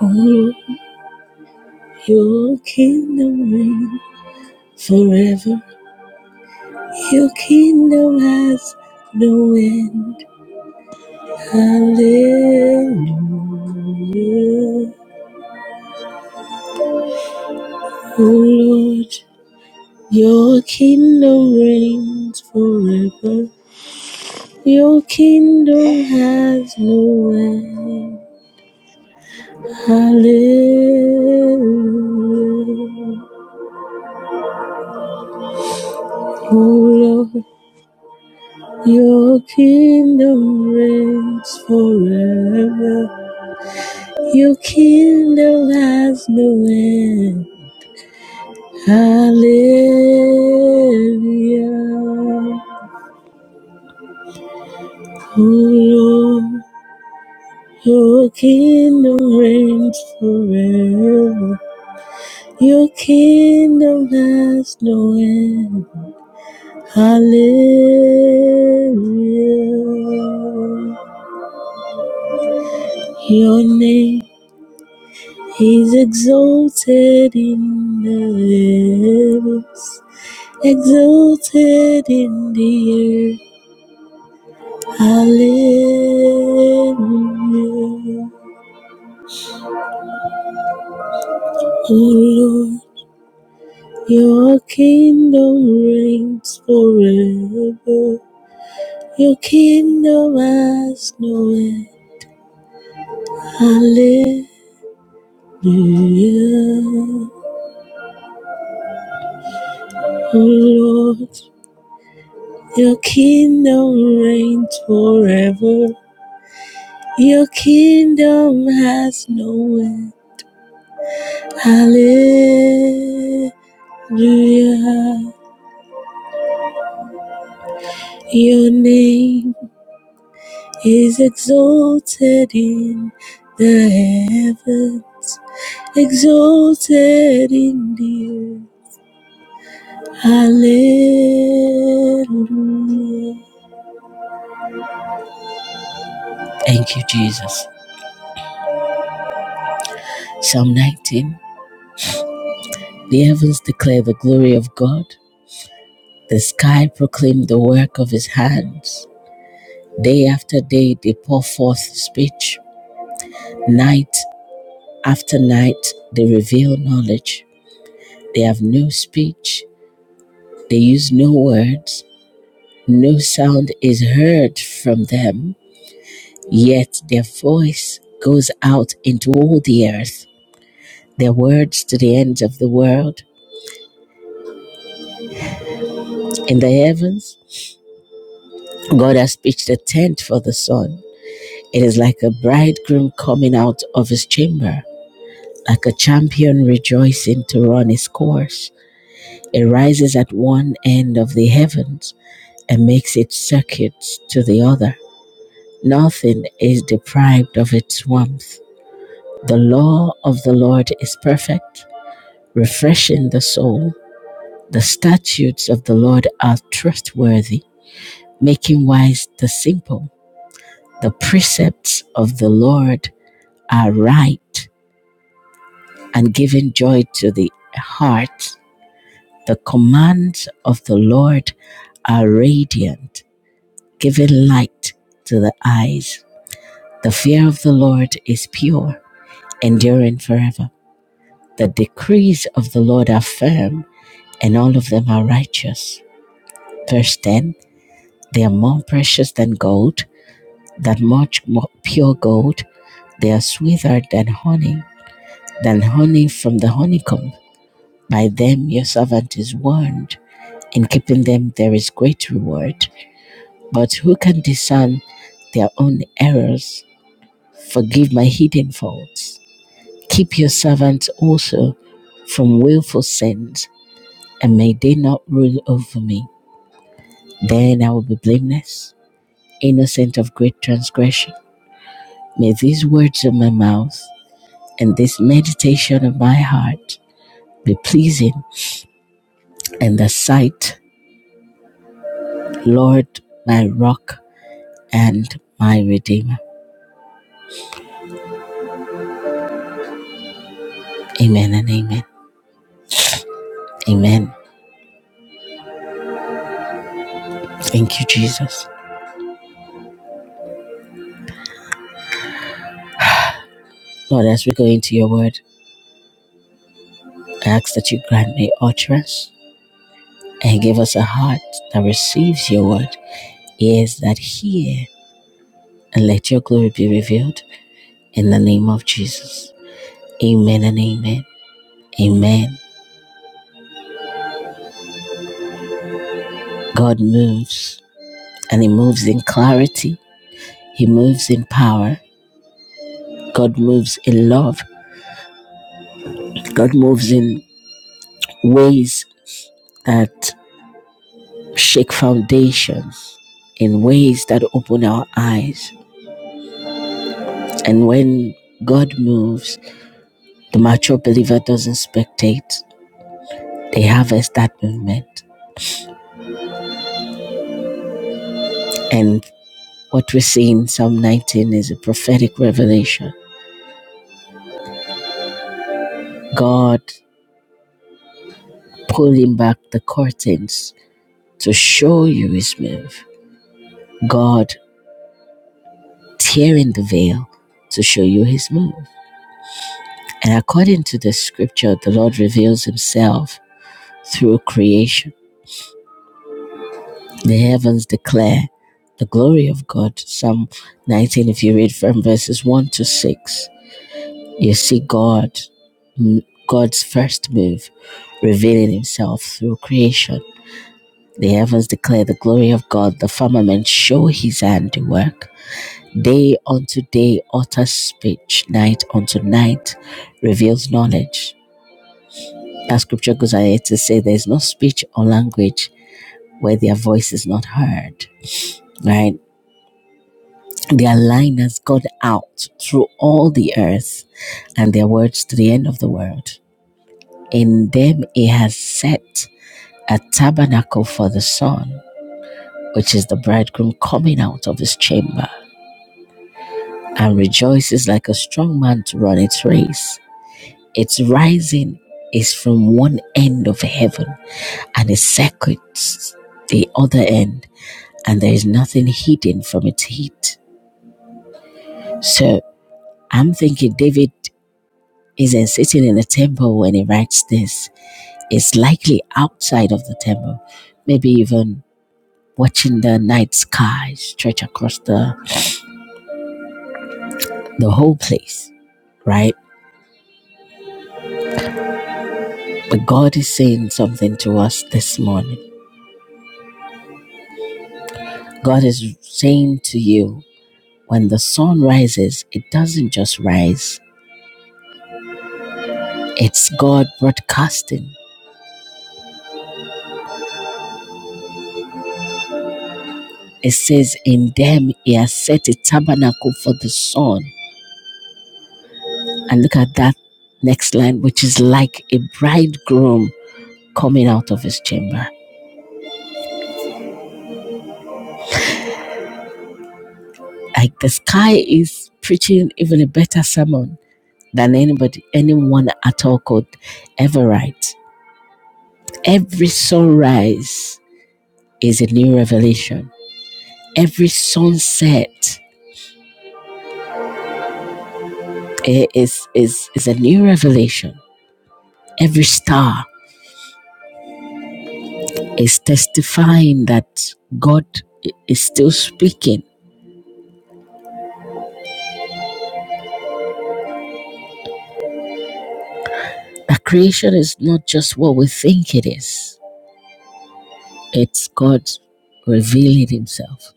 Oh, your kingdom reign forever. Your kingdom has no end. Hallelujah. Oh, Lord, your kingdom reigns forever. Your kingdom has no end. Hallelujah. Oh Lord, your kingdom reigns forever. Your kingdom has no end. Hallelujah. Oh Lord, your kingdom reigns forever. Your kingdom has no end. Hallelujah. Your name is exalted in the heavens, exalted in the earth. Hallelujah. O Lord, your kingdom reigns forever. Your kingdom has no end. Hallelujah. Lord, your kingdom reigns forever. Your kingdom has no end. Hallelujah. Your name is exalted in the heavens, exalted in the earth. Hallelujah. Thank you, Jesus. Psalm 19. The heavens declare the glory of God The sky proclaimed the work of his hands. Day after day, they pour forth speech. Night after night, they reveal knowledge. They have no speech. They use no words. No sound is heard from them. Yet their voice goes out into all the earth. Their words to the ends of the world. In the heavens, God has pitched a tent for the sun. It is like a bridegroom coming out of his chamber Like a champion rejoicing to run his course, it rises at one end of the heavens and makes its circuits to the other. Nothing is deprived of its warmth. The law of the Lord is perfect, refreshing the soul. The statutes of the Lord are trustworthy, making wise the simple. The precepts of the Lord are right and giving joy to the heart. The commands of the Lord are radiant, giving light to the eyes. The fear of the Lord is pure, enduring forever. The decrees of the Lord are firm, and all of them are righteous. Verse 10 They are more precious than gold, than much more pure gold. They are sweeter than honey, than honey from the honeycomb. By them your servant is warned. In keeping them there is great reward. But who can discern their own errors? Forgive my hidden faults. Keep your servants also from willful sins, and may they not rule over me. Then I will be blameless, innocent of great transgression. May these words of my mouth and this meditation of my heart be pleasing in the sight, Lord, my rock and my redeemer. Amen and amen. Amen. Thank you, Jesus. Lord, as we go into your word, I ask that you grant me utterance and give us a heart that receives your word, ears that hear, and let your glory be revealed in the name of Jesus. Amen and amen. Amen. God moves, and He moves in clarity, He moves in power, God moves in love, God moves in ways that shake foundations, in ways that open our eyes. And when God moves, The mature believer doesn't spectate, they harvest that movement. And what we see in Psalm 19 is a prophetic revelation. God pulling back the curtains to show you his move, God tearing the veil to show you his move. And according to the scripture, the Lord reveals himself through creation. The heavens declare the glory of God. Psalm 19, if you read from verses 1 to 6 You see God, God's first move, revealing himself through creation. The heavens declare the glory of God, the firmament show his handiwork. Day unto day utters speech, night unto night reveals knowledge. As scripture goes ahead to say, there is no speech or language where their voice is not heard. Right? Their line has gone out through all the earth and their words to the end of the world. In them he has set a tabernacle for the sun, which is the bridegroom coming out of his chamber, and rejoices like a strong man to run its race. Its rising is from one end of heaven, and it circuits the other end, and there is nothing hidden from its heat. So I'm thinking David isn't sitting in the temple when he writes this. It's likely outside of the temple, maybe even watching the night sky stretch across the, the whole place, right? But God is saying something to us this morning. God is saying to you, when the sun rises, it doesn't just rise, it's God broadcasting. It says, In them he has set a tabernacle for the sun. And look at that next line, which is like a bridegroom coming out of his chamber. Like the sky is preaching even a better sermon than anybody, anyone at all could ever write. Every sunrise is a new revelation. Every sunset is, is, is a new revelation. Every star is testifying that God is still speaking. That creation is not just what we think it is, it's God revealing Himself.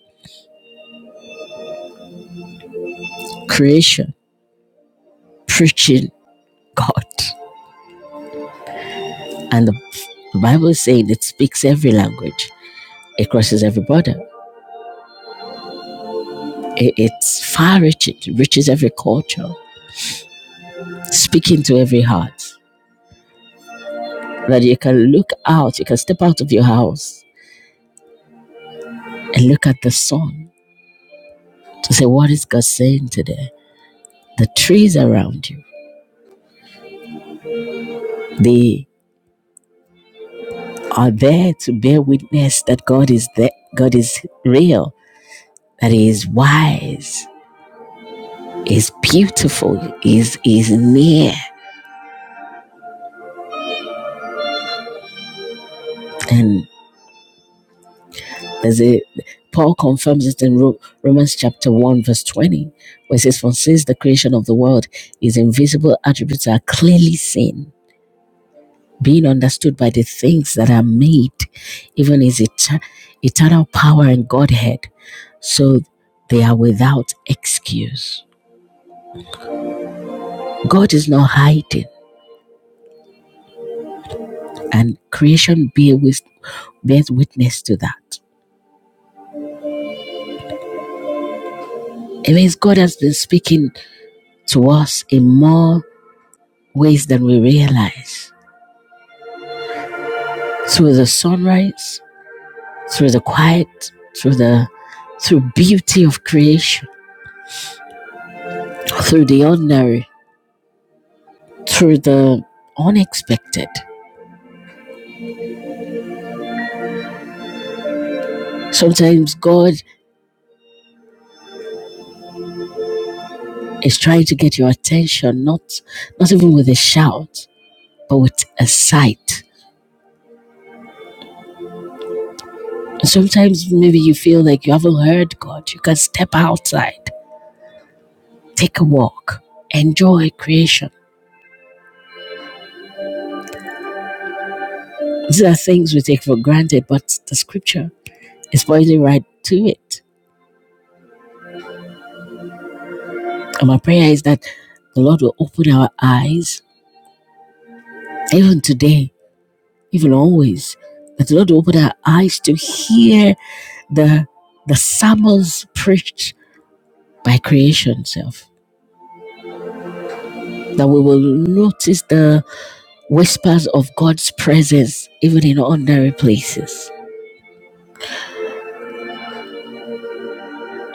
Creation preaching God. And the Bible is saying it speaks every language It crosses every border. It, it's far reaching, it reaches every culture, speaking to every heart. That you can look out, you can step out of your house and look at the sun to say, What is God saying today? The trees around you, they are there to bear witness that God is there, God is real, that He is wise, He is beautiful, He is, he is near. And As it, Paul confirms it in Romans chapter 1, verse 20, where it says, For since the creation of the world, his invisible attributes are clearly seen, being understood by the things that are made, even his et- eternal power and Godhead, so they are without excuse. God is not hiding, and creation bear with, bears witness to that. It means God has been speaking to us in more ways than we realize through the sunrise, through the quiet, through the through beauty of creation, through the ordinary, through the unexpected. Sometimes God is trying to get your attention, not not even with a shout, but with a sight. sometimes maybe you feel like you haven't heard God. You can step outside, take a walk, enjoy creation. These are things we take for granted, but the scripture is pointing right to it And my prayer is that the Lord will open our eyes, even today, even always, that the Lord will open our eyes to hear the, the sermons preached by creation itself. That we will notice the whispers of God's presence even in ordinary places.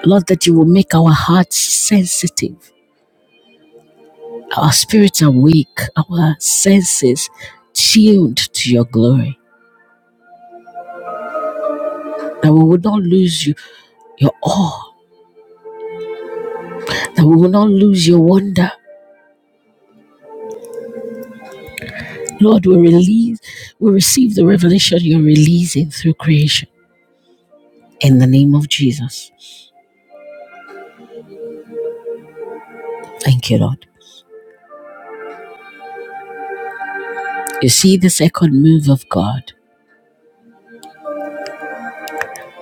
Lord, that you will make our hearts sensitive, our spirits awake, our senses tuned to your glory. That we would not lose you, your awe that we will not lose your wonder. Lord, we release, we receive the revelation you're releasing through creation in the name of Jesus. Thank you, Lord. You see the second move of God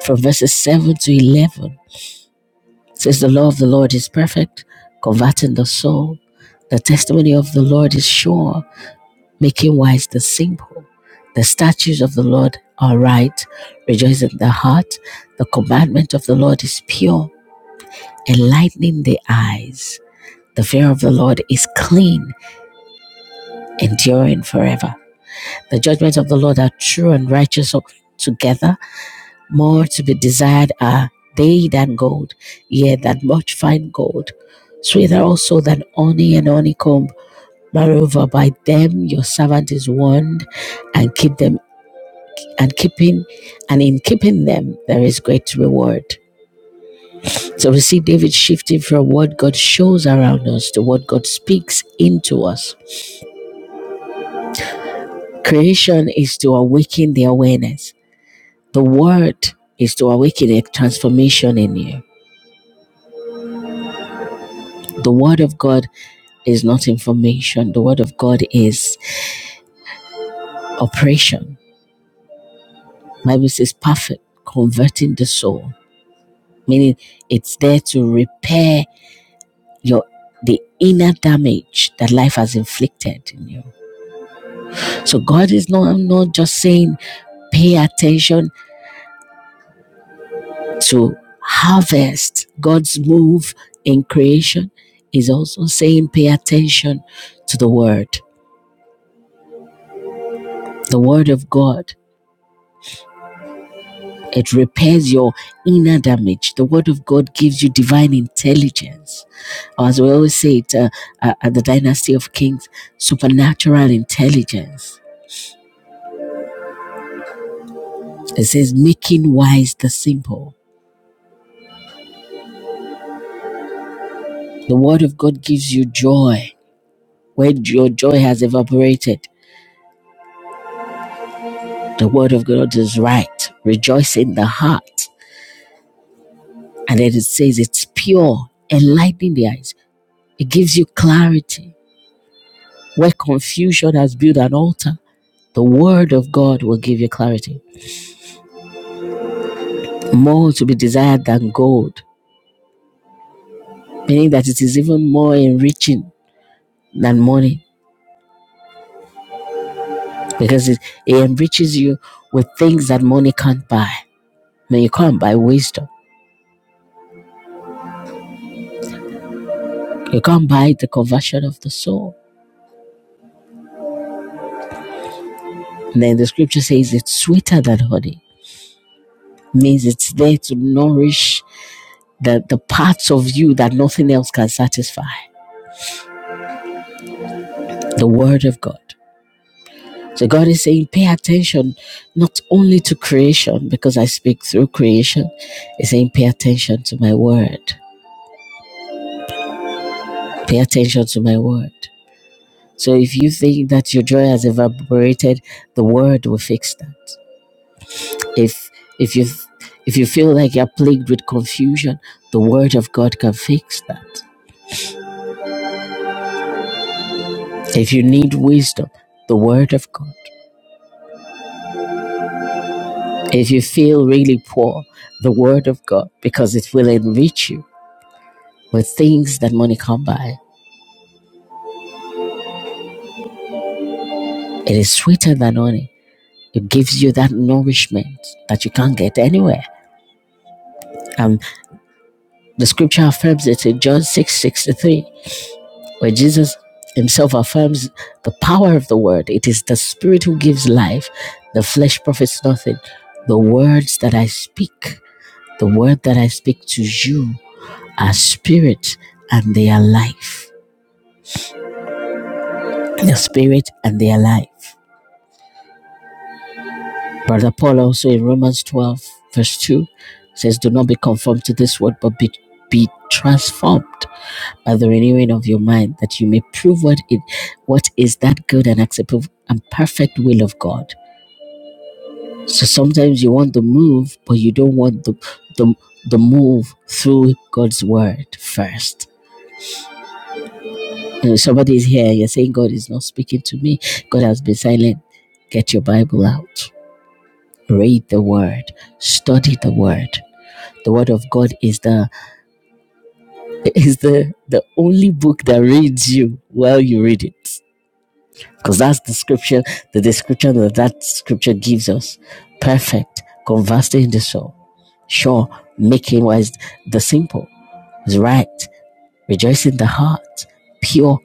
from verses 7 to 11 It says, The law of the Lord is perfect, converting the soul. The testimony of the Lord is sure, making wise the simple. The statutes of the Lord are right, rejoicing the heart. The commandment of the Lord is pure, enlightening the eyes. The fear of the Lord is clean, enduring forever. The judgments of the Lord are true and righteous so together. More to be desired are they than gold, yea, than much fine gold. Sweeter also than honey and honeycomb. Moreover, by them your servant is warned, and keep them and keeping and in keeping them there is great reward. So we see David shifting from what God shows around us to what God speaks into us. Creation is to awaken the awareness. The word is to awaken a transformation in you. The word of God is not information. The word of God is operation. The Bible says perfect, converting the soul, meaning it's there to repair your the inner damage that life has inflicted in you. So God is not, I'm not just saying pay attention to harvest God's move in creation is also saying pay attention to the word. The word of God, it repairs your inner damage. The word of God gives you divine intelligence. as we always say it uh, uh, at the dynasty of kings, supernatural intelligence. It says making wise the simple. The word of God gives you joy. When your joy has evaporated, the word of God is right. Rejoice in the heart And then it says it's pure, enlightening the eyes. It gives you clarity. Where confusion has built an altar, the word of God will give you clarity. More to be desired than gold, meaning that it is even more enriching than money because it, it enriches you with things that money can't buy. I mean, you can't buy wisdom, you can't buy the conversion of the soul. And then the scripture says it's sweeter than honey, means it's there to nourish the, the parts of you that nothing else can satisfy. The Word of God. So God is saying, pay attention not only to creation, because I speak through creation. He's saying, pay attention to my Word. Pay attention to my Word. So if you think that your joy has evaporated, the Word will fix that. If if you if you feel like you're plagued with confusion, the Word of God can fix that. If you need wisdom, the Word of God. If you feel really poor, the Word of God, because it will enrich you with things that money can't buy. It is sweeter than honey. It gives you that nourishment that you can't get anywhere. And the scripture affirms it in John 6 63, where Jesus himself affirms the power of the Word. It is the Spirit who gives life, the flesh profits nothing. The words that I speak, the word that I speak to you are spirit and they are life. their spirit, and their life. Brother Paul also in Romans 12, verse 2 says, Do not be conformed to this world, but be, be transformed by the renewing of your mind, that you may prove what it what is that good and acceptable and perfect will of God. So sometimes you want the move, but you don't want the the, the move through God's word first. You know, somebody is here, you're saying God is not speaking to me, God has been silent. Get your Bible out read the word study the word the word of god is the is the the only book that reads you while you read it because that's the scripture the description that that scripture gives us perfect conversing in the soul sure making wise the simple is right rejoicing the heart pure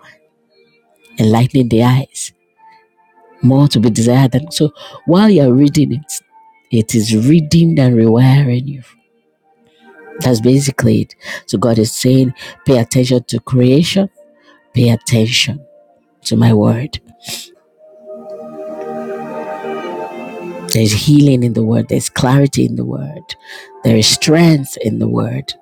enlightening the eyes more to be desired than so while you're reading it it is reading and rewiring you That's basically it. So God is saying, pay attention to creation, pay attention to my word. There's healing in the word, there's clarity in the word, there is strength in the word,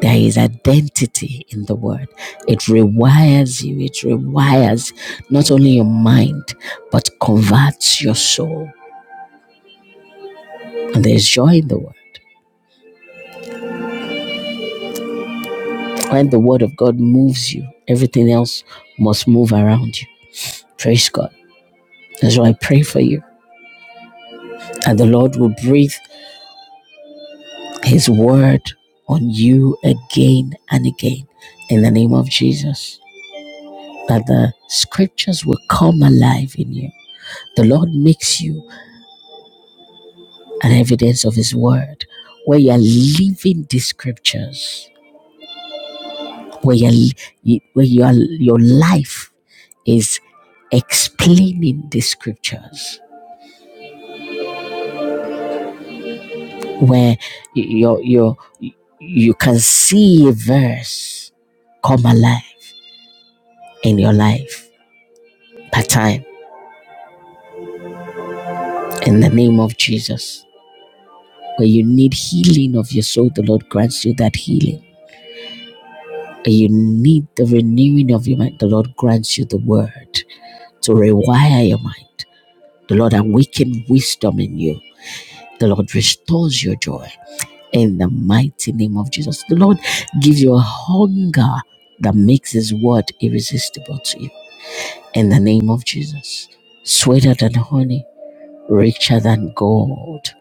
there is identity in the word. It rewires you, it rewires not only your mind, but converts your soul. And there's joy in the word. When the word of God moves you, everything else must move around you. Praise God. That's why I pray for you. And the Lord will breathe his word on you again and again in the name of Jesus. That the scriptures will come alive in you. The Lord makes you an evidence of his word where you are living the scriptures, where, you're, where you are, your life is explaining the scriptures, where you, you, you can see a verse come alive in your life by time in the name of Jesus. Where you need healing of your soul, the Lord grants you that healing. Where you need the renewing of your mind, the Lord grants you the word to rewire your mind. The Lord awakens wisdom in you. The Lord restores your joy in the mighty name of Jesus. The Lord gives you a hunger that makes His word irresistible to you in the name of Jesus. Sweeter than honey, richer than gold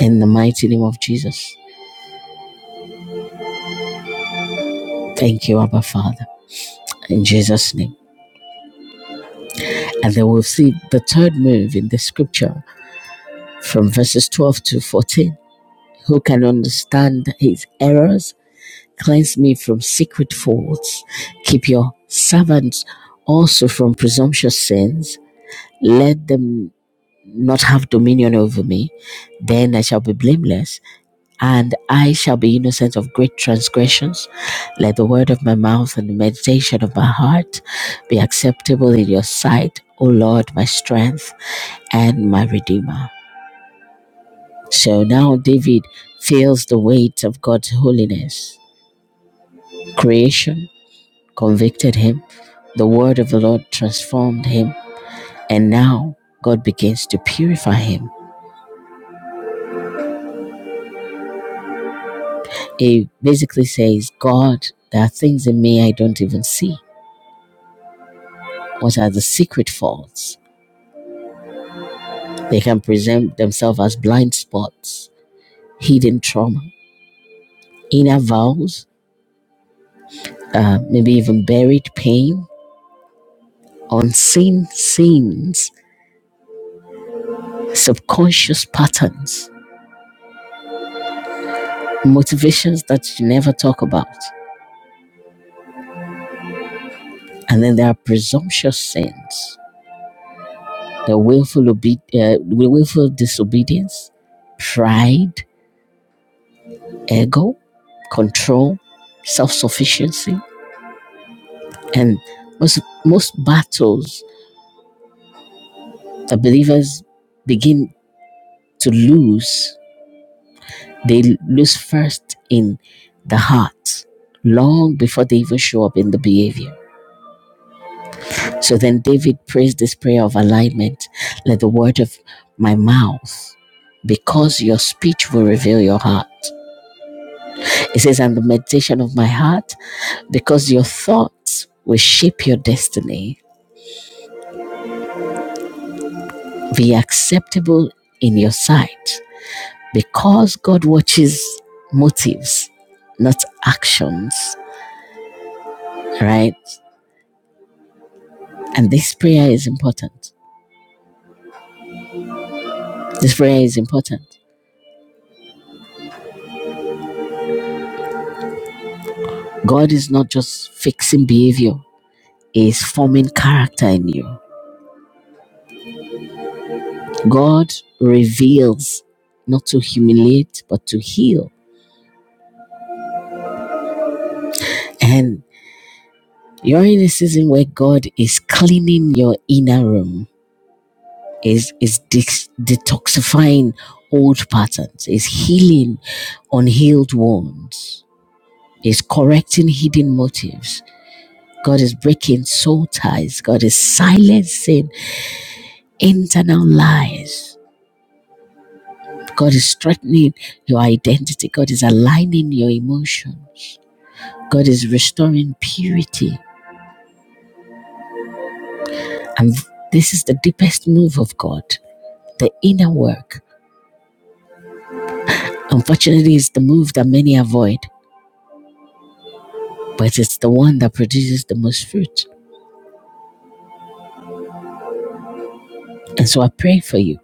in the mighty name of Jesus. Thank you, Abba Father, in Jesus' name. And then we'll see the third move in the scripture from verses 12 to 14. Who can understand his errors? Cleanse me from secret faults. Keep your servants also from presumptuous sins. Let them not have dominion over me. Then I shall be blameless and I shall be innocent of great transgressions. Let the word of my mouth and the meditation of my heart be acceptable in your sight, O Lord, my strength and my redeemer. So now David feels the weight of God's holiness. Creation convicted him, the word of the Lord transformed him, and now God begins to purify him. He basically says, God, there are things in me I don't even see. What are the secret faults? They can present themselves as blind spots, hidden trauma, inner vows, uh, maybe even buried pain, unseen sins, subconscious patterns, motivations that you never talk about. And then there are presumptuous sins, the willful, obe- uh, willful disobedience, pride, ego, control, self sufficiency. And most, most battles that believers begin to lose, they lose first in the heart, long before they even show up in the behavior. So then David prays this prayer of alignment let the word of my mouth, because your speech will reveal your heart. It says, and the meditation of my heart, because your thoughts will shape your destiny, be acceptable in your sight, because God watches motives, not actions, right? And this prayer is important. This prayer is important. God is not just fixing behavior, He is forming character in you. God reveals not to humiliate, but to heal. And you're in a season where God is cleaning your inner room, is is de- detoxifying old patterns, is healing unhealed wounds, is correcting hidden motives. God is breaking soul ties. God is silencing internal lies. God is strengthening your identity. God is aligning your emotions. God is restoring purity. And this is the deepest move of God, the inner work. Unfortunately, it's the move that many avoid, but it's the one that produces the most fruit. And so I pray for you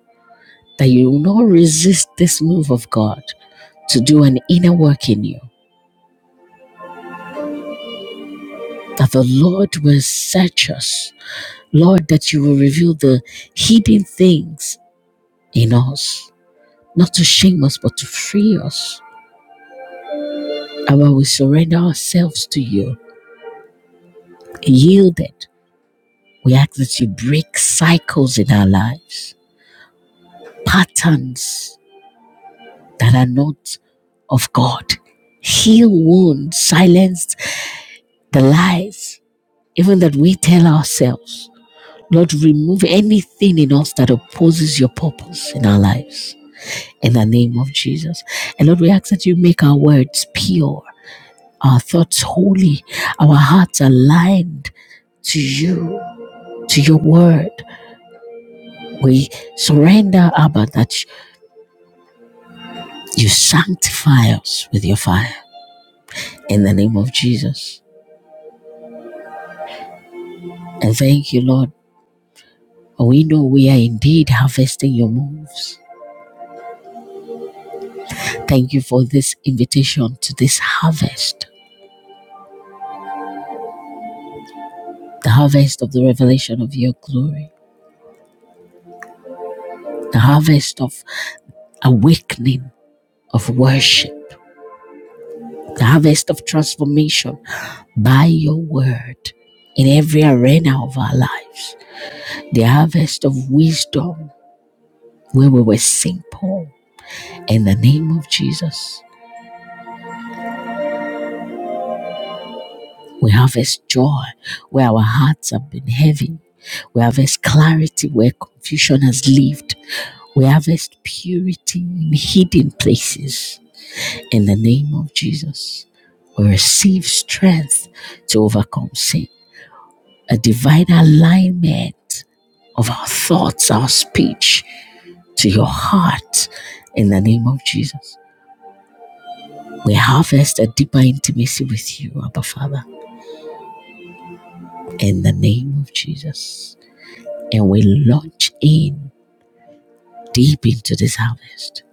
that you will not resist this move of God to do an inner work in you. That the Lord will search us. Lord, that you will reveal the hidden things in us, not to shame us, but to free us. And when we surrender ourselves to you, yielded, we ask that you break cycles in our lives, patterns that are not of God. Heal wounds, silence the lies, even that we tell ourselves. Lord, remove anything in us that opposes your purpose in our lives. In the name of Jesus. And Lord, we ask that you make our words pure our thoughts holy, our hearts aligned to you, to your word. We surrender, Abba, that you sanctify us with your fire in the name of Jesus. And thank you, Lord. We know we are indeed harvesting your moves. Thank you for this invitation to this harvest, the harvest of the revelation of your glory, the harvest of awakening, of worship the harvest of transformation by your word in every arena of our lives, the harvest of wisdom where we were simple. In the name of Jesus, we harvest joy where our hearts have been heavy. We harvest clarity where confusion has lived. We harvest purity in hidden places. In the name of Jesus, we receive strength to overcome sin a divine alignment of our thoughts, our speech to your heart in the name of Jesus. We harvest a deeper intimacy with you, Abba Father, in the name of Jesus. And we launch in deep into this harvest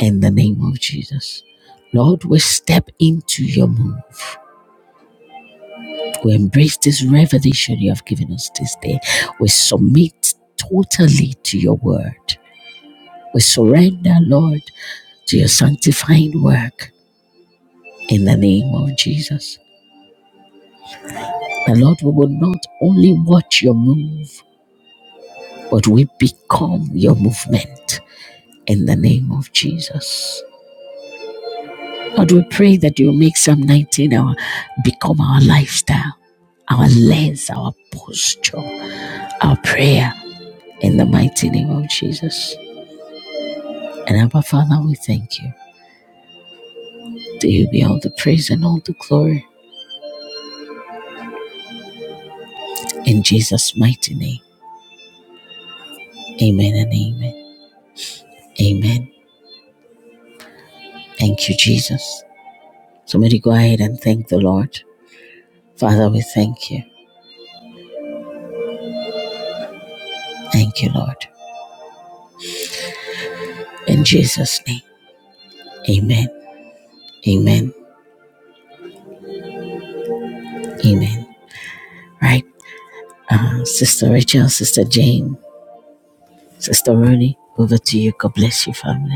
in the name of Jesus. Lord, we step into your move. We embrace this revelation you have given us this day. We submit totally to your word. We surrender, Lord, to your sanctifying work in the name of Jesus. The Lord, we will not only watch your move, but we become your movement in the name of Jesus. Lord, we pray that you make Psalm 19 our become our lifestyle, our lens, our posture, our prayer in the mighty name of Jesus. And Abba Father, we thank you. To you be all the praise and all the glory in Jesus' mighty name. Amen and amen. Amen. Thank you, Jesus. Somebody go ahead and thank the Lord. Father, we thank you. Thank you, Lord. In Jesus' name. Amen. Amen. Amen. Right. Uh, Sister Rachel, Sister Jane, Sister Rooney, over to you. God bless you, family.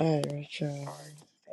I, Rachel,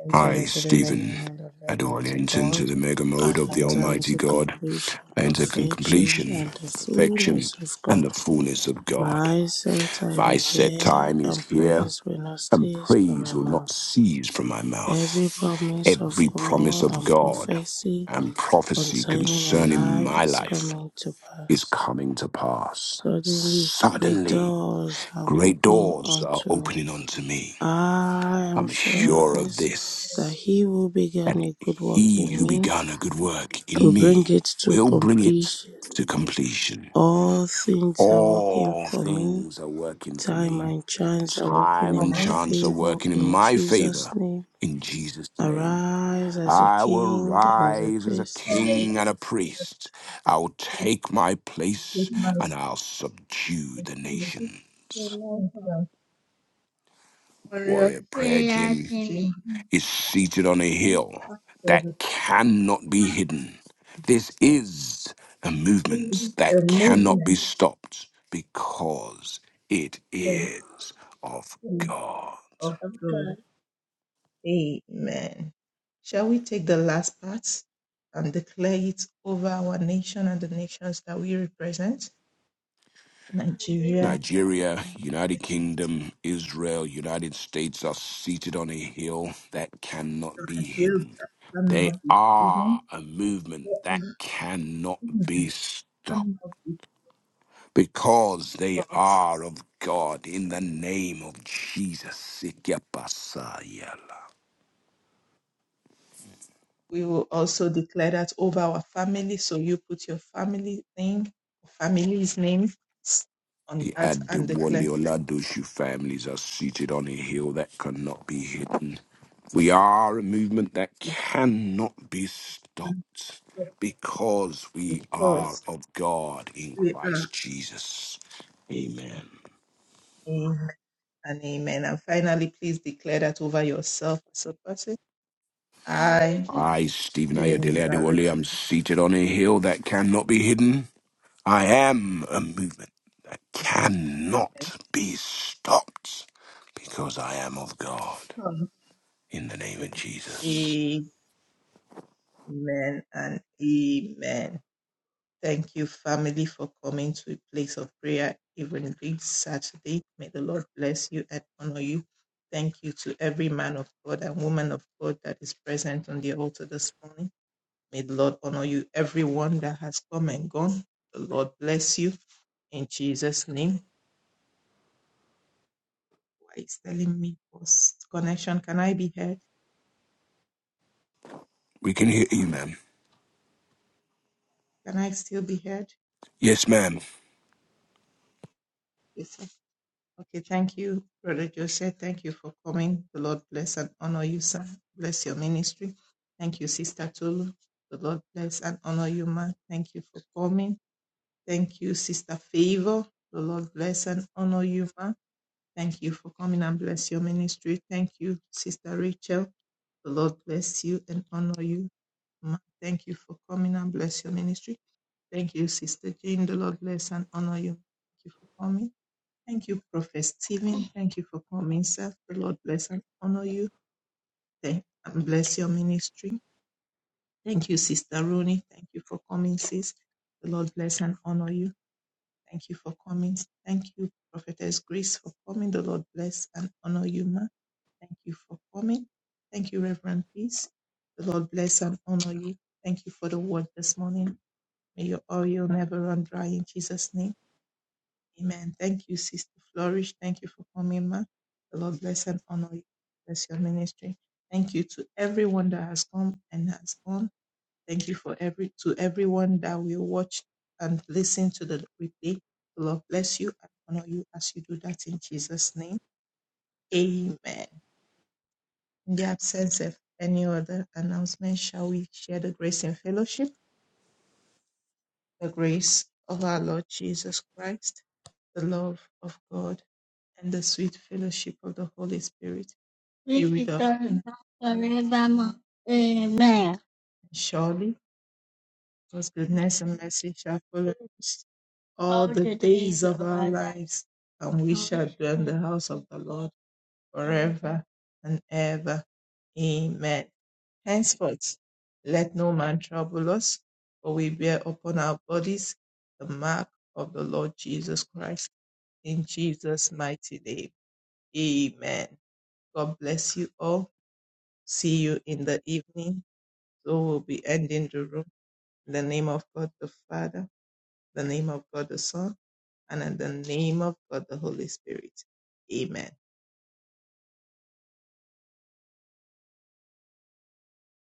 enter I, into the Stephen, measurement of the adore and mighty enter into God. the mega mode I of the enter Almighty into God, completion, I enter con- perfection, completion, and the perfection, fullness of and the God. fullness of God. My set time My is set here, time is and here, praise will not and cease from my praise will not mouth. cease from my Every mouth. promise of Every promise God of and God prophecy and prophecy concerning my concerning life my is life coming to is pass. coming to pass. Suddenly, great Suddenly, doors are great opening doors are unto me. opening unto me. I am I'm sure of sure of this, this. that he who that began a good work he in who me began a good work will in bring me it to will bring it completion. to completion. All things are working All for me. things are working for Time me. and chance are working Time in and my chance are favor. working in In my Jesus' favor. name, In Jesus' name, arise as a I will king and as a rise as a priest. king and a priest. I'll take my this place and I'll subdue the nations. Warrior Prayer prayer Gym is seated on a team, hill that the cannot be hidden. This is a movement that cannot be movement stopped because it is of place. God. Nigeria, United Kingdom, Israel, United States are seated on a hill that cannot be hidden. They are a movement that cannot be stopped. because they are of God in the name of Jesus. Ikepasayala. The Adewale Oladoshu families are seated on a hill that cannot be hidden. We are a movement that cannot be stopped because we are of God in Christ Jesus. Amen. I, Stephen Ayodele Adewale, am seated on a hill that cannot be hidden I am a movement that cannot be stopped because I am of God. In the name of Jesus. We can hear you, ma'am. Yes, ma'am. which is forevermore. Amen.